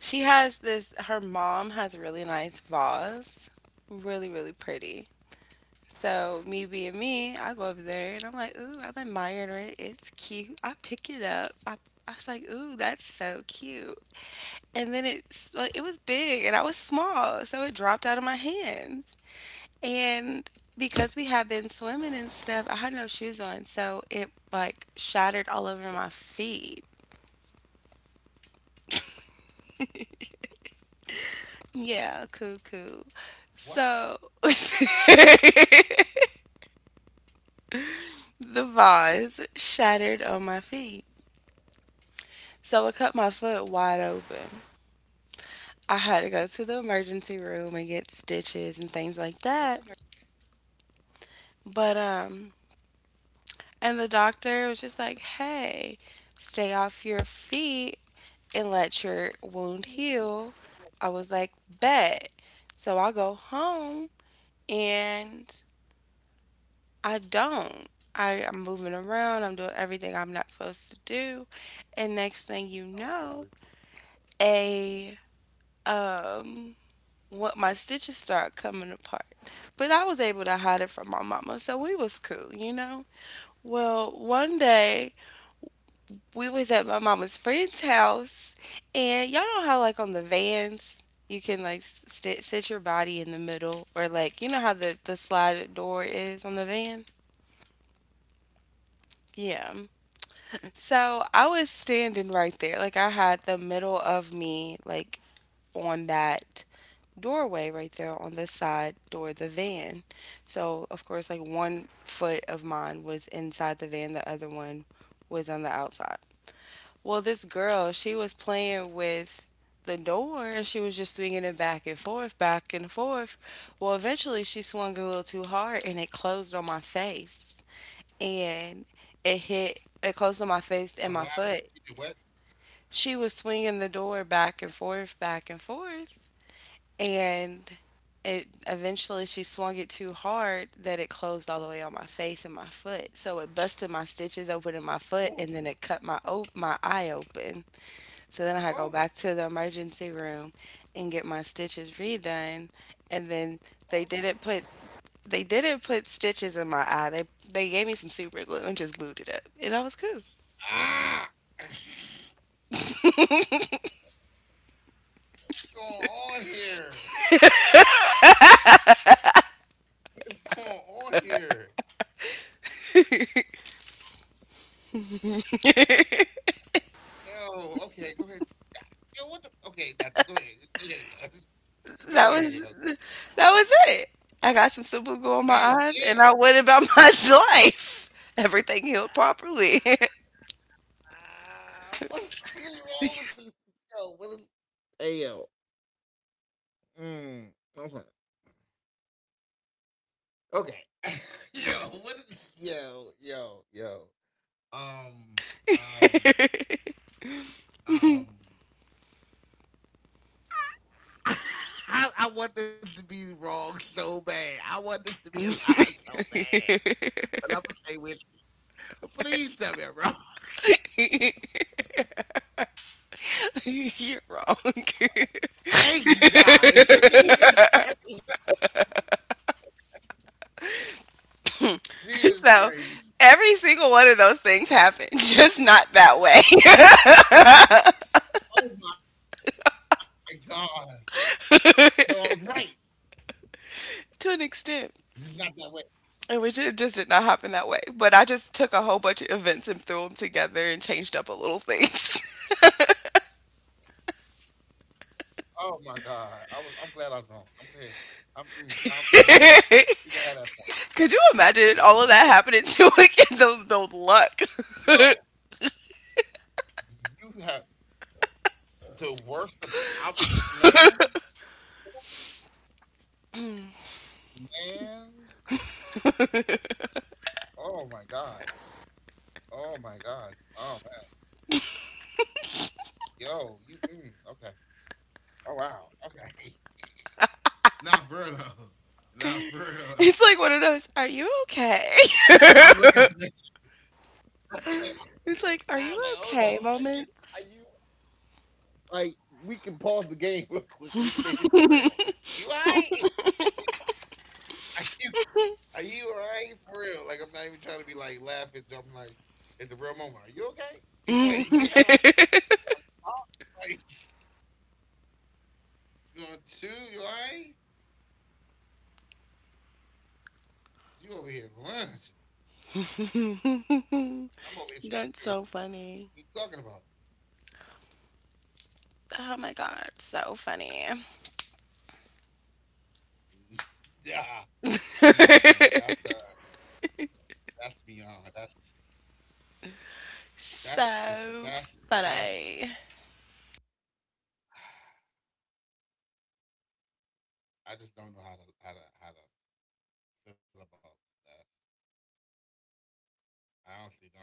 Speaker 2: she has this. Her mom has a really nice vase. Really, really pretty. So me being me, I go over there and I'm like, ooh, I'm admiring it. It's cute. I pick it up. I was like, ooh, that's so cute. And then it's like it was big and I was small, so it dropped out of my hands. And because we had been swimming and stuff, I had no shoes on, so
Speaker 1: What?
Speaker 2: it like shattered all over my feet.
Speaker 1: What?
Speaker 2: Yeah, cool, cool. So the vase shattered on my feet. So it cut my foot wide open. I had to go to the emergency room and get stitches and things like that. But and the doctor was just like, "Hey, stay off your feet and let your wound heal." I was like, "Bet." So I go home and I don't. I'm moving around, I'm doing everything I'm not supposed to do. And
Speaker 1: This
Speaker 2: next
Speaker 1: sounds
Speaker 2: thing you
Speaker 1: unbelievable. Believable.
Speaker 2: know, a um what my stitches started coming apart. But I was able to hide it from my mama, so we was cool, you know. Well, one day we was at my mama's friend's house, and y'all know how like on the vans you can like sit your body in the middle, or like you know how the slide door is on the van. Yeah. So I was standing right there, like I had the middle of me like on that doorway right there on the side door of the van. So, of course, like one foot of mine was inside the van, the other one was on the outside. Well, this girl, she was playing with the door and she was just swinging it back and forth, back and forth. Well, eventually she swung a little too hard and it closed on my face. And it closed on my face
Speaker 1: Hold on,
Speaker 2: and
Speaker 1: what
Speaker 2: my
Speaker 1: happened?
Speaker 2: foot.
Speaker 1: She did what?
Speaker 2: She was swinging the door back and forth and it eventually she swung it too hard that it closed all the way on my face and my foot. So it busted my stitches open in my
Speaker 1: Who?
Speaker 2: foot and then it cut my eye open. So then I had to
Speaker 1: Oh,
Speaker 2: go back to the emergency room and get my stitches redone. And then they
Speaker 1: oh,
Speaker 2: didn't put they didn't put stitches in my eye. They gave me some super glue and just glued it up. And I was cool.
Speaker 1: ah! going on here? What's going on here? Yo, okay, go ahead. Yo, what the? Okay, nothing. Go ahead. Go ahead. Yo.
Speaker 2: That
Speaker 1: Go
Speaker 2: was
Speaker 1: ahead. Yo.
Speaker 2: that was it. I got some super glue
Speaker 1: That
Speaker 2: on
Speaker 1: was
Speaker 2: my eyes
Speaker 1: it.
Speaker 2: and I went about my life. Everything healed properly.
Speaker 1: Ah, what is wrong with this? Yo, what is? Hey, yo. Mm, okay. Okay. yo, what is? Yo, yo, yo. Um, um, um. I want this to be wrong so bad. I want this to be a lie so bad. But I'm gonna say with. But please tell me I'm wrong.
Speaker 2: You're wrong.
Speaker 1: Thank you, God. Jesus
Speaker 2: So
Speaker 1: Christ.
Speaker 2: every single one of those things happened, just not that way.
Speaker 1: Oh my God. So I was right. Just not
Speaker 2: To an
Speaker 1: that way.
Speaker 2: extent. It just did not happen that way. But I just took a whole bunch of events and threw them together and changed up a little things.
Speaker 1: Oh my God. I was. I'm glad I was wrong. I'm glad. I'm. Mm, I'm. Mm.
Speaker 2: Could
Speaker 1: You can have that point.
Speaker 2: you imagine
Speaker 1: You can have
Speaker 2: all of
Speaker 1: that.
Speaker 2: that happening to it? The luck.
Speaker 1: Yo, you have the worst of. I, man, man. Oh my God. Oh my god. Oh man. Yo, you mm, okay. Oh wow. Okay. Not for real though. Not for real though.
Speaker 2: It's like one of those, are you okay?
Speaker 1: I'm looking at this. I'm
Speaker 2: It's like,
Speaker 1: like,
Speaker 2: are
Speaker 1: hold
Speaker 2: you
Speaker 1: on. Are
Speaker 2: okay
Speaker 1: you are you
Speaker 2: moments.
Speaker 1: like we can pause the game real quick and we can make this real. You alright? Are you are you alright for real? Like I'm not even trying to be like laughing, jumping like it's the real moment. Are you okay? like you had on like you on two, you alright? You over here lunch. I'm over here trying to
Speaker 2: That's
Speaker 1: figure
Speaker 2: so
Speaker 1: out what you
Speaker 2: funny.
Speaker 1: talking about.
Speaker 2: Oh my God, so funny.
Speaker 1: Nah, nah, man. That's beyond. That's just
Speaker 2: So
Speaker 1: that's that's
Speaker 2: funny.
Speaker 1: I just don't know how to feel about that. I honestly don't.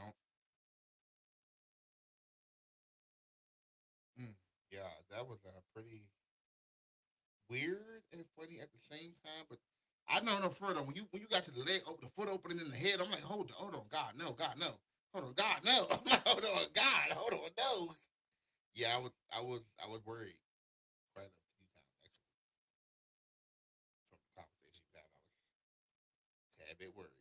Speaker 1: Mm, yeah, that was pretty weird and funny at the same time, but I don't know no further when you got to the leg open, the foot opening in the head, I'm like, hold on, hold on, God, no, God, no. Hold on, God, no. I'm like, hold on, God, hold on, no. Yeah, I was worried quite a few times from the conversation you have, I was a tad bit worried.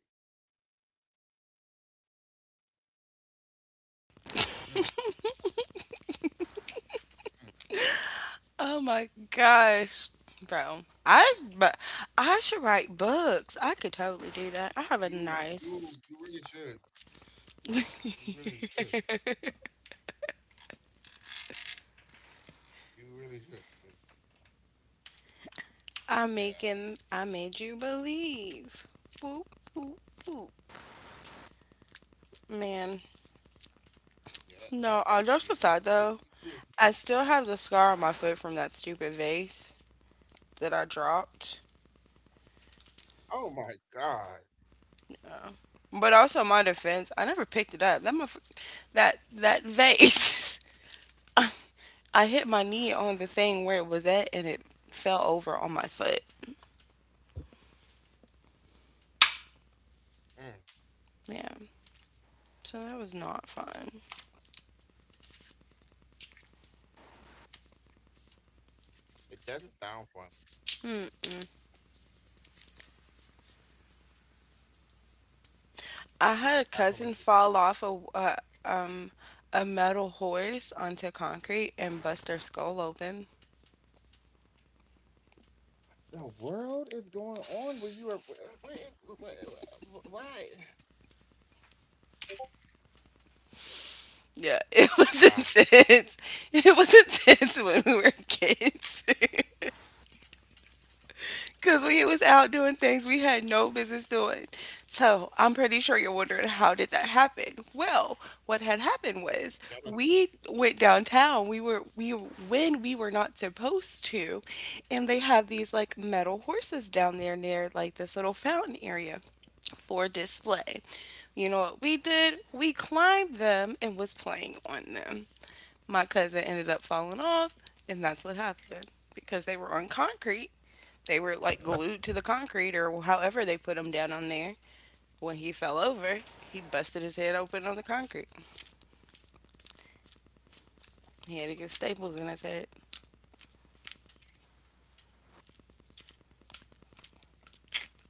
Speaker 1: Mm. Mm.
Speaker 2: Oh my gosh, bro. I but I should write books. I could totally do that. I have a
Speaker 1: You,
Speaker 2: nice
Speaker 1: you, you really should. You really should. You really should. 'Cause, yeah,
Speaker 2: I made you believe. Whoop whoop whoop. Man.
Speaker 1: yeah, that's yeah. You yeah, you
Speaker 2: No,
Speaker 1: get kudos for
Speaker 2: just
Speaker 1: that one.
Speaker 2: aside though, I still have the scar on my foot from that stupid vase that I dropped.
Speaker 1: Oh my god,
Speaker 2: But also my defense, I never picked it up. That vase. I hit my knee on the thing where it was at and it fell over on my foot.
Speaker 1: Mm,
Speaker 2: Yeah. So that was not fun.
Speaker 1: it doesn't sound fun.
Speaker 2: I
Speaker 1: I
Speaker 2: had a
Speaker 1: just want to make sure
Speaker 2: cousin
Speaker 1: you do that.
Speaker 2: fall off um a metal horse onto concrete and bust their skull open.
Speaker 1: The world is going on where you are. Where, is- wh- wh- Why?
Speaker 2: Yeah, it was
Speaker 1: Why?
Speaker 2: intense. It was intense when we were kids. Because we was out doing things we had no business doing. So I'm pretty sure you're wondering how did that happen? Well, what had happened was
Speaker 1: That was-
Speaker 2: we went downtown. We when we were not supposed to, and they have these like metal horses down there near like this little fountain area for display. You know what we did? We climbed them and was playing on them. My cousin ended up falling off, and that's what happened because they were on concrete. They were like glued to the concrete or however they put him down on there. When he fell over, he busted his head open on the concrete. He had to get staples in his head.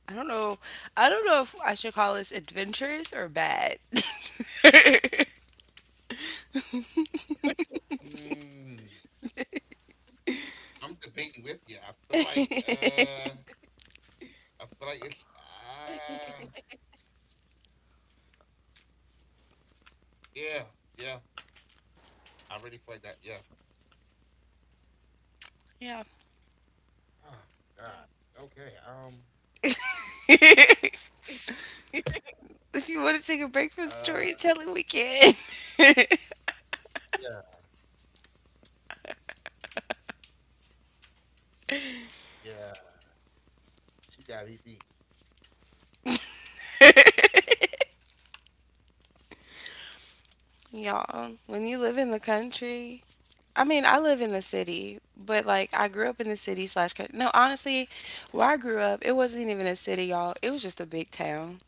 Speaker 2: I don't know. I don't know if I should call this adventurous or bad.
Speaker 1: Mm, I'm debating with you. I feel like it's uh, Yeah, yeah. I already flagged that. Yeah.
Speaker 2: Yeah.
Speaker 1: Oh, God. Yeah. Okay.
Speaker 2: If you want to take a
Speaker 1: Uh.
Speaker 2: break from storytelling, we can.
Speaker 1: Yeah. Yeah. She got EB. She
Speaker 2: Y'all, when you live in the country, I mean, I live in the city, but like I grew up in the city slash country. No, honestly, where I grew up, it wasn't even a city, y'all. It was just a big town.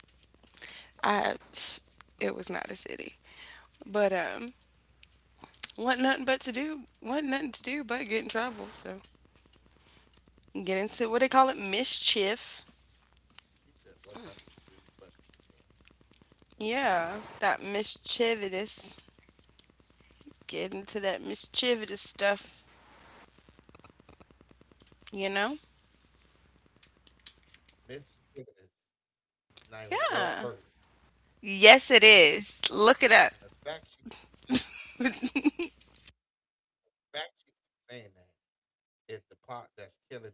Speaker 2: I it was not a city. But wasn't nothing to do but get in trouble. So get into what they call it
Speaker 1: said what
Speaker 2: mischief.
Speaker 1: nothing to do but to get drunk.
Speaker 2: Yeah. That mischievous. Get into that mischievous stuff, you know?
Speaker 1: Mischievous is not even a word.
Speaker 2: Yeah.
Speaker 1: Okay.
Speaker 2: Yes it is.
Speaker 1: And the
Speaker 2: Look it
Speaker 1: fact she
Speaker 2: up.
Speaker 1: keeps saying, the fact she keeps saying that is the part that's killing me.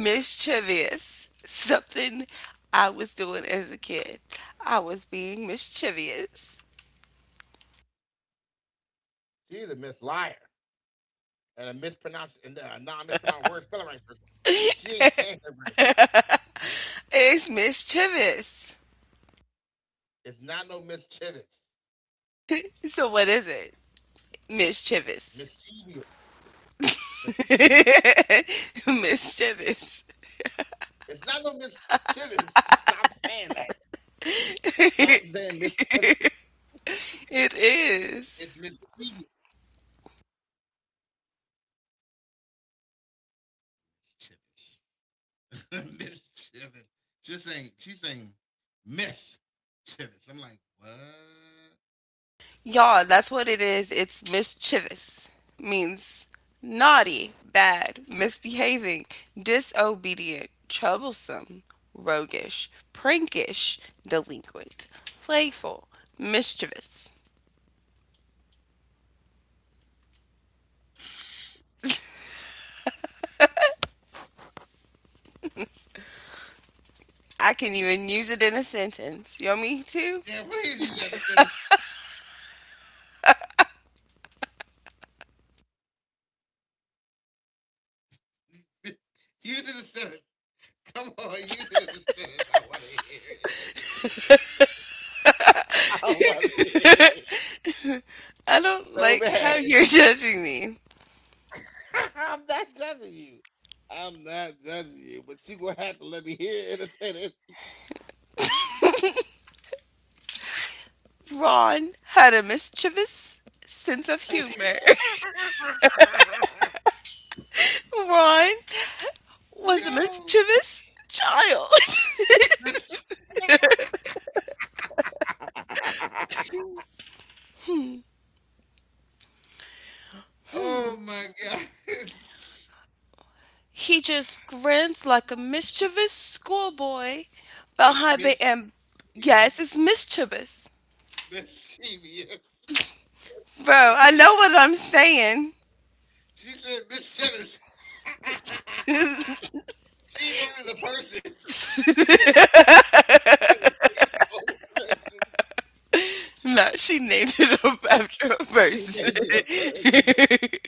Speaker 2: Mischievous. Something I was doing as a kid. I was being mischievous.
Speaker 1: She's a misliar and a mispronounced and a non mispronounced word spelling right person. 'Cause she ain't saying it right.
Speaker 2: It's mischievous.
Speaker 1: It's not no mischievous,
Speaker 2: So what is it? Mischievous.
Speaker 1: mischievous, mischievous.
Speaker 2: Mischievous.
Speaker 1: It's not no Miss Chivers. Stop saying that. Stop saying Miss Chivers.
Speaker 2: It is.
Speaker 1: It's Miss Chivers. Chivers. Miss Chivers. She's saying Miss Chivers. I'm like, what?
Speaker 2: Y'all, that's what it is. It's mischievous. Means naughty, bad, misbehaving, disobedient, troublesome, roguish, prankish, delinquent, playful, mischievous. I can even use it in a sentence. You want me too?
Speaker 1: Yeah, what is you got to sentence? Use it as a sentence. Come on, use it as a sentence. I want to hear it. I want to hear it
Speaker 2: I don't
Speaker 1: so
Speaker 2: like how
Speaker 1: bad.
Speaker 2: you're judging me.
Speaker 1: I'm not judging you. I'm not judging you, but you gonna have to let me hear it in a sentence.
Speaker 2: Ron had a mischievous sense of
Speaker 1: Yo.
Speaker 2: humor. Ron was a mischievous child.
Speaker 1: Oh my God.
Speaker 2: He just grins like a mischievous schoolboy
Speaker 1: It's
Speaker 2: behind the
Speaker 1: mischievous.
Speaker 2: yes, it's mischievous.
Speaker 1: Mischievous.
Speaker 2: Bro, I know
Speaker 1: Mischievous.
Speaker 2: what I'm saying.
Speaker 1: She said Miss Jennings. she named it a person. She said Miss Jennings a whole person.
Speaker 2: No, she named it up after a
Speaker 1: She
Speaker 2: person.
Speaker 1: named it a person.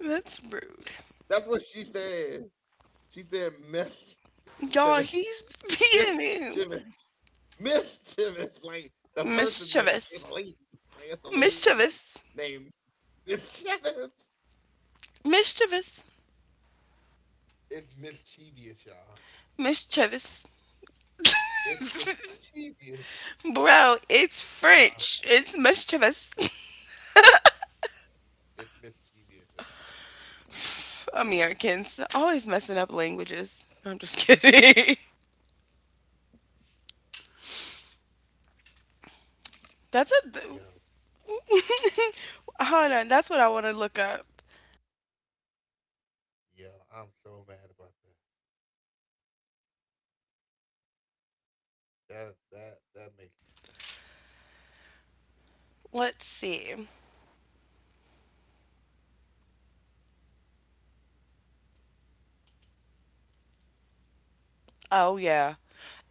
Speaker 2: That's rude.
Speaker 1: That's what she said. She said Miss
Speaker 2: Y'all,
Speaker 1: Jennings.
Speaker 2: he's
Speaker 1: Miss
Speaker 2: being
Speaker 1: Mischievous, like the person that's
Speaker 2: mischievous.
Speaker 1: a lady, like it's a lady
Speaker 2: Mischievous.
Speaker 1: named Mischievous.
Speaker 2: Mischievous.
Speaker 1: It's mischievous, y'all.
Speaker 2: Mischievous.
Speaker 1: It's mischievous,
Speaker 2: Bro, it's French.
Speaker 1: y'all.
Speaker 2: It's much of us.
Speaker 1: It's mischievous, y'all.
Speaker 2: Americans always messing up languages. No, I'm just kidding. That's
Speaker 1: Yo,
Speaker 2: a. Hold on. That's what I want to look up.
Speaker 1: yo, I'm so mad about that. That that that makes me so
Speaker 2: Let's see. Oh, yeah.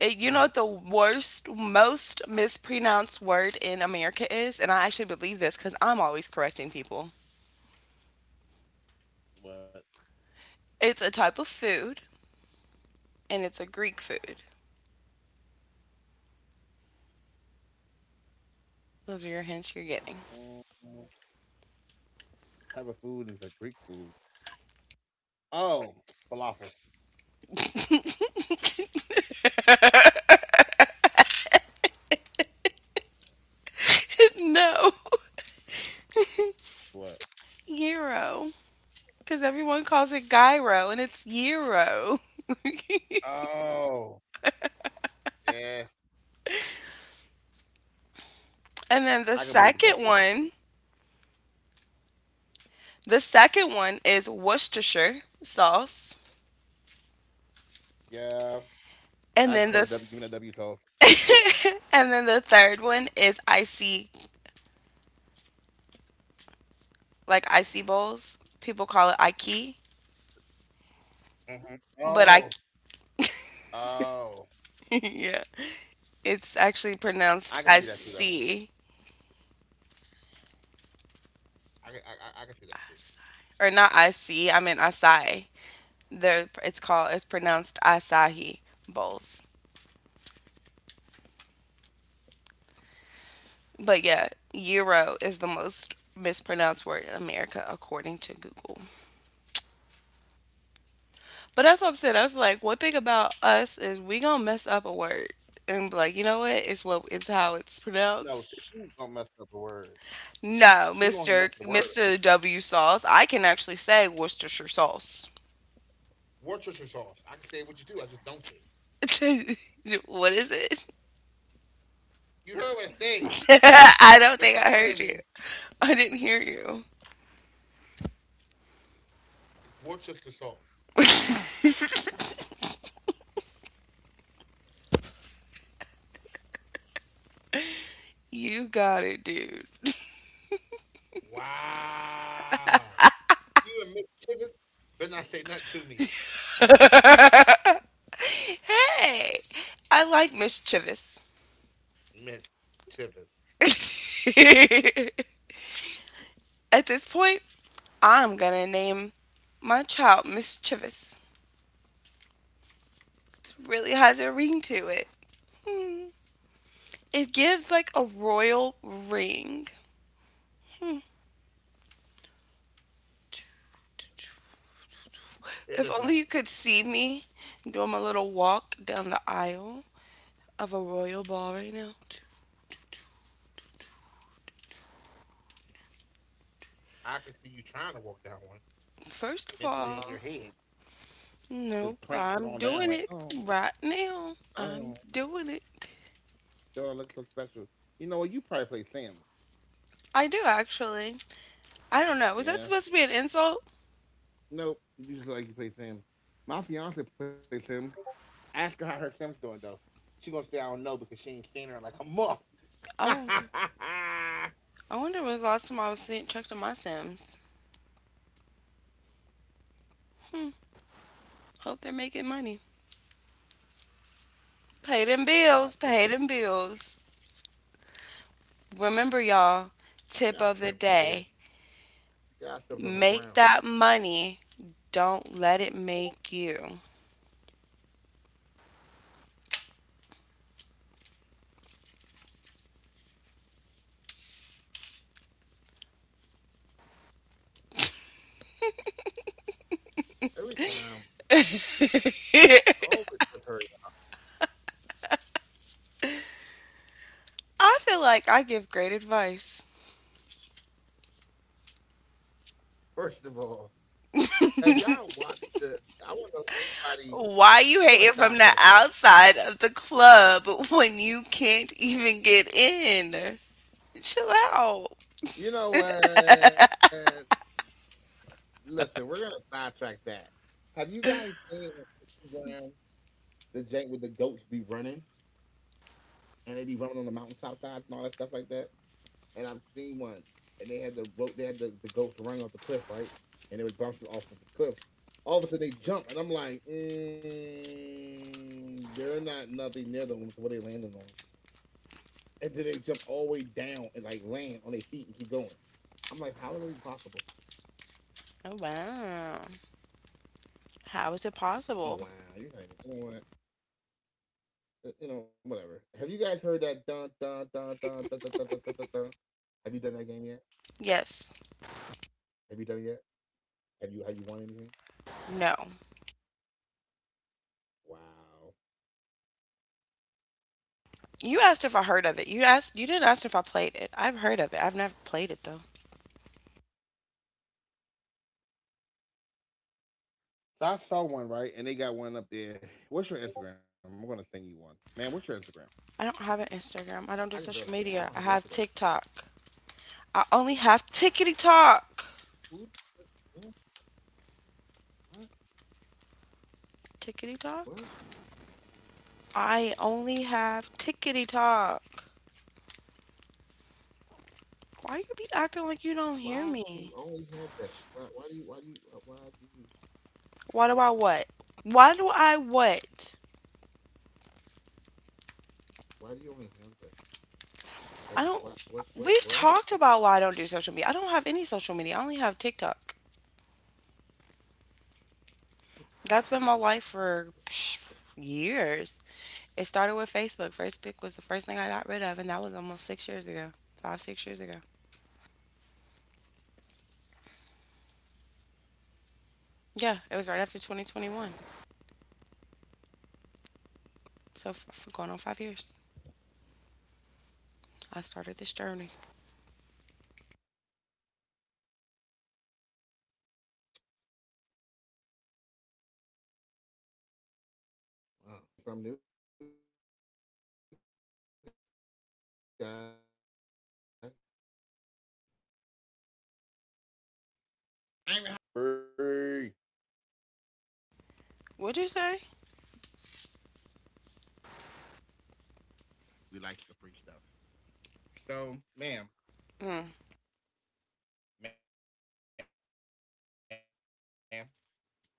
Speaker 2: You know
Speaker 1: mad.
Speaker 2: what the worst, most mispronounced word in America is? And I actually believe this because I'm always correcting people.
Speaker 1: What?
Speaker 2: It's a type of food, and it's a Greek food. Those are your hints you're getting.
Speaker 1: What type of food is a Greek food? Oh, falafel.
Speaker 2: No.
Speaker 1: What?
Speaker 2: Gyro. Because everyone calls it gyro and it's gyro.
Speaker 1: Oh, yeah.
Speaker 2: And then
Speaker 1: I can believe in that too.
Speaker 2: the second one is Worcestershire sauce.
Speaker 1: Yeah. I just
Speaker 2: And
Speaker 1: call
Speaker 2: then
Speaker 1: it W. Give me that W sauce.
Speaker 2: and then the third one is icy like icy bowls. People call it Ike,
Speaker 1: Mhm. Oh.
Speaker 2: but I
Speaker 1: Oh,
Speaker 2: yeah. It's actually
Speaker 1: I can see that too,
Speaker 2: pronounced
Speaker 1: though.
Speaker 2: icy,
Speaker 1: I can see that too.
Speaker 2: or not icy, I mean acai. It's called, it's pronounced Asahi bowls. But yeah, euro is the most mispronounced word in America according to Google. But that's what I'm saying. I was like, one thing about us is we gonna mess up a word and be like, you know what? It's how it's
Speaker 1: No,
Speaker 2: pronounced.
Speaker 1: she gonna mess up the word.
Speaker 2: No,
Speaker 1: She don't mess the word.
Speaker 2: Mister W sauce. I can actually say Worcestershire sauce.
Speaker 1: Worcestershire sauce. I can say it with you too. I just don't say it.
Speaker 2: What is it?
Speaker 1: You heard what I said.
Speaker 2: I
Speaker 1: But stop
Speaker 2: don't think
Speaker 1: playing with
Speaker 2: I
Speaker 1: me.
Speaker 2: heard you. I didn't hear you.
Speaker 1: It's Worcestershire sauce.
Speaker 2: You got it, dude.
Speaker 1: Wow. You and Miss Chivers better not say nothing to me,
Speaker 2: Hey, I like mischievous.
Speaker 1: Miss Chivers.
Speaker 2: At this point, I'm gonna name my child Mischievous. It really has a ring to it. Hmm. It gives like a royal ring. Hmm.
Speaker 1: It
Speaker 2: If
Speaker 1: does
Speaker 2: only you
Speaker 1: not.
Speaker 2: could see me doing my little walk down the aisle of a royal ball right now.
Speaker 1: I can see you trying to walk down one
Speaker 2: First
Speaker 1: mentally
Speaker 2: of
Speaker 1: in your head,
Speaker 2: all,
Speaker 1: just
Speaker 2: no,
Speaker 1: prancing on
Speaker 2: I'm
Speaker 1: down like,
Speaker 2: doing it
Speaker 1: oh,
Speaker 2: right now.
Speaker 1: oh.
Speaker 2: I'm doing it.
Speaker 1: Don't look so special. You know what? You probably play Sims.
Speaker 2: I do actually. I don't know. Was that
Speaker 1: Yeah.
Speaker 2: supposed to be an insult?
Speaker 1: Nope. You just look like you play Sims. My fiance plays Sims. Ask her how her Sims doing though. She gonna say I don't know because she ain't seen her in like a month. yeah,
Speaker 2: Oh, I wonder when was the last time I was seeing checked on my Sims. Hmm, hope they're making money. Pay them bills, pay them
Speaker 1: Sims.
Speaker 2: bills. Remember, y'all, tip of the
Speaker 1: Yeah, Sims
Speaker 2: day,
Speaker 1: dead. Yeah, Sims
Speaker 2: make
Speaker 1: on the
Speaker 2: that
Speaker 1: ground
Speaker 2: money. Don't let it make you.
Speaker 1: every time.
Speaker 2: I
Speaker 1: It's always with her.
Speaker 2: feel like I give great advice.
Speaker 1: First of all, have y'all watched the? I want to know if anybody.
Speaker 2: Why you
Speaker 1: We're
Speaker 2: hating
Speaker 1: gonna
Speaker 2: from the
Speaker 1: sidetrack this.
Speaker 2: outside of the club when you can't even get in? Chill out.
Speaker 1: You know what? Listen, we're gonna sidetrack that. Have you guys seen on Instagram the jank with the goats be running and they be running on the mountaintop sides and all that stuff like that. And I've seen one and they had the rope they had the goats running off the cliff, right? And they was bouncing off of the cliff. All of a sudden they jump and I'm like, mm, they're not nothing near the women, so what are they landing on? And then they jump all the way down and like land on their feet and keep going. I'm like, how is that even possible?
Speaker 2: Oh, wow. How is it possible?
Speaker 1: Oh wow, you're not even you know what? You know, whatever. Have you guys heard that dun dun dun dun dun dun dun dun? Dun, dun? Have you done that game yet?
Speaker 2: Yes.
Speaker 1: Have you done it yet? Have you won anything?
Speaker 2: No.
Speaker 1: Wow.
Speaker 2: You asked if I heard of it. You asked, you didn't ask if I played it. I've heard of it. I've never played it though.
Speaker 1: So I saw one right, and they got one up there. What's your Instagram? I'm gonna send you one, man. What's your Instagram?
Speaker 2: I don't have an
Speaker 1: I
Speaker 2: Instagram.
Speaker 1: just
Speaker 2: I don't do
Speaker 1: realized that I
Speaker 2: social
Speaker 1: don't have your
Speaker 2: media.
Speaker 1: Instagram.
Speaker 2: I have TikTok. I only have tickety talk.
Speaker 1: Who? What?
Speaker 2: Tickety
Speaker 1: What?
Speaker 2: talk? I only have tickety talk. Why you be acting like you don't
Speaker 1: What?
Speaker 2: hear
Speaker 1: Why do you
Speaker 2: me?
Speaker 1: only have that? Why? Why do you?
Speaker 2: Why do I what? Why do I what?
Speaker 1: Why do you only have that? Like,
Speaker 2: I don't
Speaker 1: what? What? What?
Speaker 2: We've
Speaker 1: What?
Speaker 2: talked about why I don't do social media. I don't have any social media. I only have TikTok.
Speaker 1: What is
Speaker 2: That's been
Speaker 1: going
Speaker 2: my
Speaker 1: on?
Speaker 2: life
Speaker 1: What?
Speaker 2: for psh, years. It started with Facebook. First pick was the first thing I got rid of, and that was almost 6 years ago, five, 6 years ago. Yeah, it was right after 2021. So for going on 5 years, I started this journey.
Speaker 1: Wow. Okay. Well, I just learned something new, guys. Just learn something new for free. I ain't even had to do. I ain't had to do whiskey or, bad for it. I've learned something for free, y'all. For free. We
Speaker 2: What'd you
Speaker 1: likes the
Speaker 2: say?
Speaker 1: free stuff. We likes the free stuff. So, ma'am,
Speaker 2: Mm,
Speaker 1: ma'am, ma'am,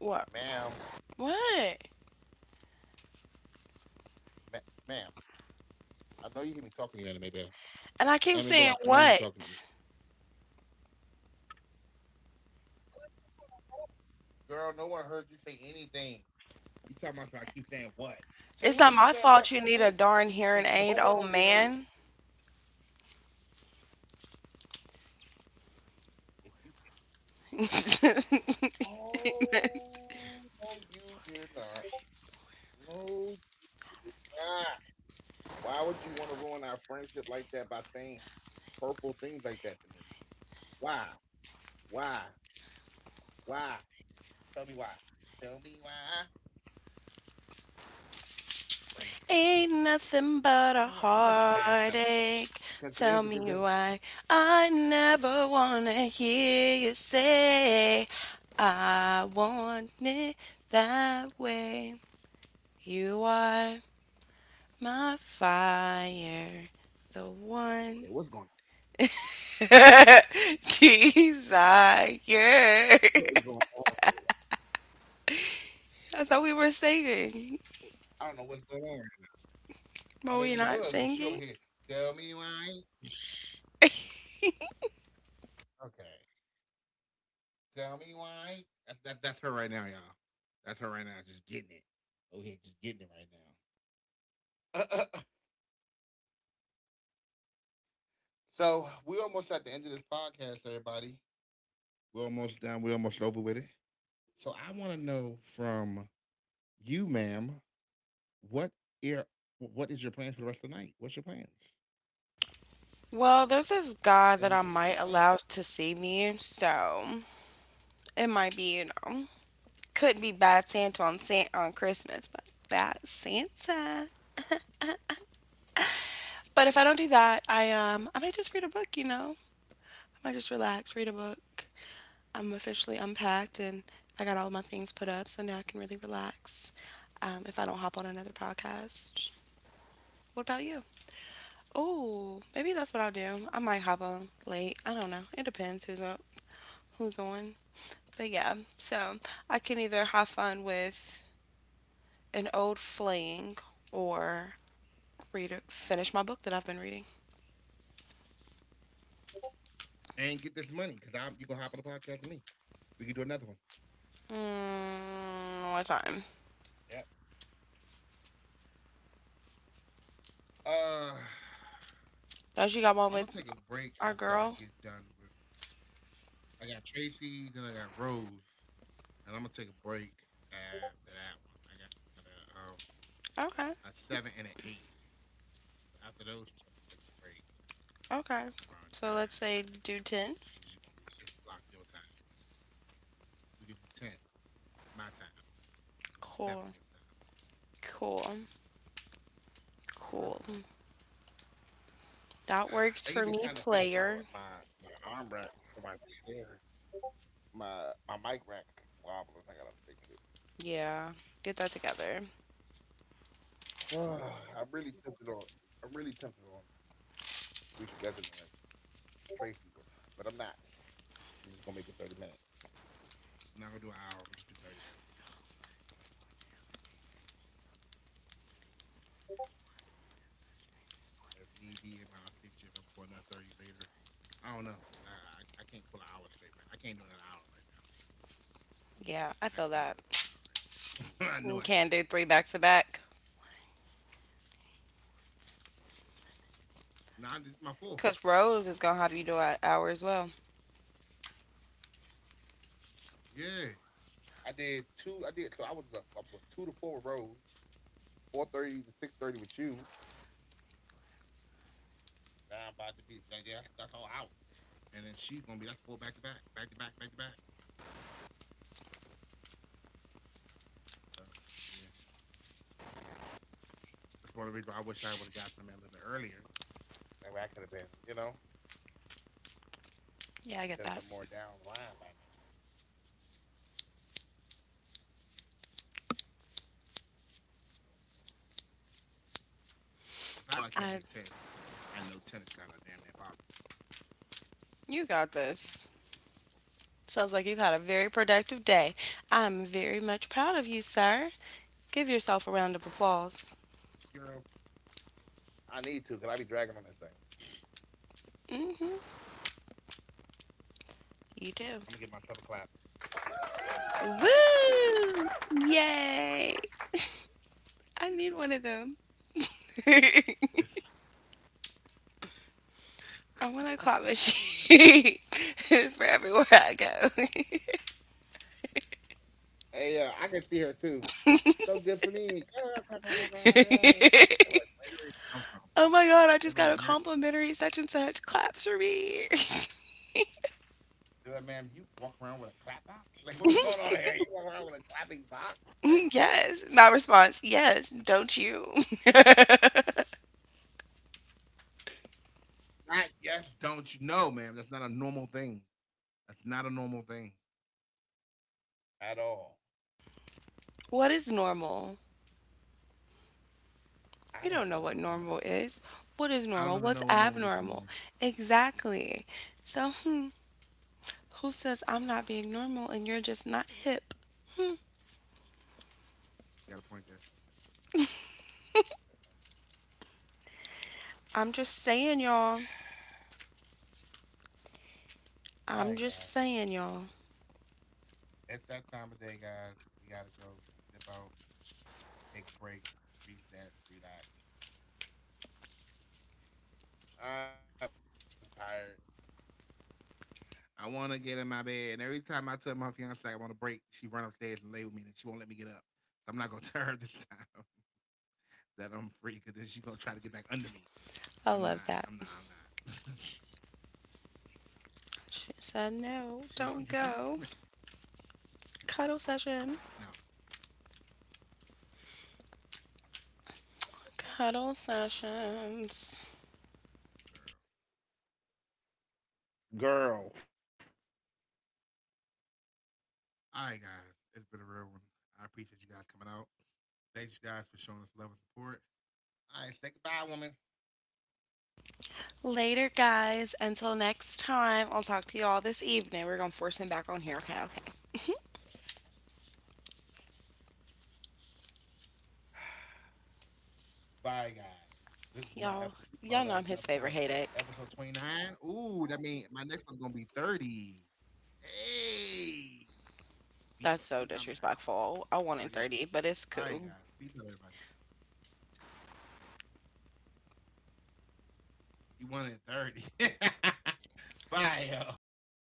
Speaker 2: what? What?
Speaker 1: ma'am. I know you hear me talking to you, Anime Bell. Anime Bell, I know you hear me talking to you.
Speaker 2: And I keep saying what?
Speaker 1: Girl, no one heard you say anything. You talking about? I keep saying what? To who you saying what to? To?
Speaker 2: It's
Speaker 1: Because no
Speaker 2: not my
Speaker 1: one over here
Speaker 2: fault you
Speaker 1: heard
Speaker 2: need
Speaker 1: you.
Speaker 2: a darn hearing aid, old man.
Speaker 1: If you said, oh no, you did not. No, you're not. Why would you want to ruin our friendship like that by saying hurtful things like that to me? Why? Why? Why? Tell me why. Tell me why. Crazy.
Speaker 2: Ain't
Speaker 1: You
Speaker 2: nothing
Speaker 1: know what? I'm
Speaker 2: but
Speaker 1: gonna
Speaker 2: a
Speaker 1: let you pass though, because
Speaker 2: heartache.
Speaker 1: today is a good day.
Speaker 2: Tell me why I never wanna hear you say I want it that way. You are my fire, the
Speaker 1: Okay, what's
Speaker 2: one
Speaker 1: going on?
Speaker 2: desire.
Speaker 1: What is going on here?
Speaker 2: I thought we were singing.
Speaker 1: I don't know what's going on. I mean,
Speaker 2: Are
Speaker 1: we
Speaker 2: we
Speaker 1: was,
Speaker 2: not
Speaker 1: but she over here.
Speaker 2: singing?
Speaker 1: Tell me why. Okay. Tell me why. That's her right now, y'all. That's her right now. Just getting it. Oh, here, just getting it right now. So we're almost at the end of this podcast, everybody. We're almost done. We're almost over with it. So I want to know from you, ma'am, what ear, what is your plans for the rest of the night? What's your plans?
Speaker 2: Well, there's this guy that
Speaker 1: Tell
Speaker 2: I
Speaker 1: me
Speaker 2: might
Speaker 1: mine.
Speaker 2: allow to see me, so. It might be, you know, could be bad Santa on San on Christmas, but bad Santa. But if I don't do that, I might just read a book, you know. I might just relax, read a book. I'm officially unpacked and I got all my things put up, so now I can really relax. If I don't hop on another podcast. What about you? Oh, maybe that's what I'll do. I might hop on late. I don't know. It depends who's up, who's on. But yeah, so I can either have fun with an old fling or read it, finish my book that I've been reading.
Speaker 1: And get this money, cause I'm you gonna hop on the podcast with me. We can do another one.
Speaker 2: Mm, what time?
Speaker 1: Yep. Uh,
Speaker 2: Oh, she got
Speaker 1: I'm gonna
Speaker 2: one
Speaker 1: take
Speaker 2: with
Speaker 1: a break after
Speaker 2: our
Speaker 1: I get
Speaker 2: girl.
Speaker 1: done with. I got Tracy, then I got Rose, and I'm gonna take a break after that one. I got a
Speaker 2: Okay,
Speaker 1: seven and an eight. After those, I'm gonna take a break
Speaker 2: okay.
Speaker 1: around
Speaker 2: So
Speaker 1: nine,
Speaker 2: let's say do 10.
Speaker 1: which is gonna be 6 o'clock your time. We could do ten, my time, which is seven
Speaker 2: Cool,
Speaker 1: your time.
Speaker 2: cool, cool.
Speaker 1: Perfect.
Speaker 2: That works
Speaker 1: They give
Speaker 2: for
Speaker 1: me
Speaker 2: me,
Speaker 1: time to fix
Speaker 2: player.
Speaker 1: my arm rack for my chair, my mic rack wobbling. I gotta fix it.
Speaker 2: Yeah, get that together.
Speaker 1: I'm really tempted on. I'm really tempted on rescheduling the Tracy one, but I'm not. I'm just gonna make it 30 minutes. I'm not gonna do an hour. I'm gonna just do 30 minutes. If need be, it might shift you up before another 30 later. I don't know, but I can't pull an hour straight. Right, I can't do an hour right now. I
Speaker 2: Yeah,
Speaker 1: can't do
Speaker 2: I
Speaker 1: an
Speaker 2: feel
Speaker 1: hour
Speaker 2: that.
Speaker 1: right now. I know I can't.
Speaker 2: You can't do three back to back.
Speaker 1: Nah, this is my fourth.
Speaker 2: Because Rose is going to have you do an hour as well.
Speaker 1: Yeah, I did two. I did. So I was up. I was on two to four rows, 4:30 to 6:30 with you. Now I'm about to be, yeah, that's all hours. And then she's gonna be that's four back to back, back to back, back to back. So yeah, that's one of the reasons I wish I would have got something a little bit earlier. That way I could have been, you know, could
Speaker 2: Yeah, I
Speaker 1: have been
Speaker 2: get
Speaker 1: more
Speaker 2: that.
Speaker 1: down the line by now. If I can get seven in the night, I will try to get. I'm try to get seven in. I
Speaker 2: I,
Speaker 1: know I can't hit ten. I know ten is kind of damn near impossible.
Speaker 2: you got this. Sounds like you've had a very productive day. I'm very much proud of you, sir. Give yourself a round of applause.
Speaker 1: Girl, I need to because I be dragging on that thing.
Speaker 2: Hmm. You do.
Speaker 1: I'm gonna get myself a clap.
Speaker 2: Woo! Yay! I need one of
Speaker 1: She is
Speaker 2: them.
Speaker 1: so fake. She is.
Speaker 2: I want a claw machine for everywhere I go.
Speaker 1: Hey, I can see her too. So good for me. Girl, clap, clap, clap, clap, clap, yay. I like, where did it
Speaker 2: Oh my
Speaker 1: come from?
Speaker 2: god, I just got a
Speaker 1: They're like,
Speaker 2: complimentary
Speaker 1: where?
Speaker 2: such and such. Claps for me.
Speaker 1: They're like, ma'am, you walk around with a clap box? Like, what is going on here? You walk around with a clapping box?
Speaker 2: Yes. My
Speaker 1: Like,
Speaker 2: response, yes, don't you?
Speaker 1: not yes, don't you know, ma'am? That's not a normal thing. That's not a normal thing at all.
Speaker 2: What is normal? We don't know what
Speaker 1: I don't
Speaker 2: normal
Speaker 1: even know no
Speaker 2: is.
Speaker 1: more.
Speaker 2: What is normal? What's
Speaker 1: I don't even know
Speaker 2: abnormal?
Speaker 1: what normal is no more.
Speaker 2: Exactly. So, hmm, who says I'm not being normal and you're just not hip?
Speaker 1: She got a point there. Got a point there.
Speaker 2: I'm just saying, y'all.
Speaker 1: She
Speaker 2: I'm
Speaker 1: got a
Speaker 2: just
Speaker 1: point there. All right,
Speaker 2: saying,
Speaker 1: guys.
Speaker 2: y'all.
Speaker 1: It's that time of day, guys. We gotta go. We gotta dip out, take a break, reset, relax. I'm tired. I want to get in my bed, and every time I tell my fiance I want a break, she run upstairs and lay with me, and she won't let me get up. So I'm not gonna tell her this time that I'm free, because then she's gonna try to get back under me,
Speaker 2: I love
Speaker 1: and I'm
Speaker 2: that.
Speaker 1: not. I'm not.
Speaker 2: She said, no, don't
Speaker 1: She
Speaker 2: go.
Speaker 1: like, oh, you free? Come here. I'm like,
Speaker 2: Cuddle
Speaker 1: no,
Speaker 2: session. Cuddle
Speaker 1: girl.
Speaker 2: sessions.
Speaker 1: Girl. All right, guys, it's been a real one. I appreciate you guys coming out. Thanks, guys, for showing us love and support. All right, say goodbye, woman.
Speaker 2: Later, guys. Until next time, I'll talk to y'all this evening. We're going to force him back on here. Okay, okay.
Speaker 1: Bye, guys. This is my
Speaker 2: Y'all,
Speaker 1: episode. This
Speaker 2: y'all
Speaker 1: is
Speaker 2: know
Speaker 1: my
Speaker 2: I'm his
Speaker 1: last episode.
Speaker 2: favorite
Speaker 1: What?
Speaker 2: headache.
Speaker 1: Episode 29. Ooh, that means my next one's gonna be 30. Hey,
Speaker 2: That's so
Speaker 1: beat my max,
Speaker 2: disrespectful.
Speaker 1: y'all.
Speaker 2: I
Speaker 1: 30
Speaker 2: wanted
Speaker 1: episodes.
Speaker 2: 30, but it's
Speaker 1: All right,
Speaker 2: cool.
Speaker 1: guys. Peace out, everybody. You wanted 30. Bye, yo.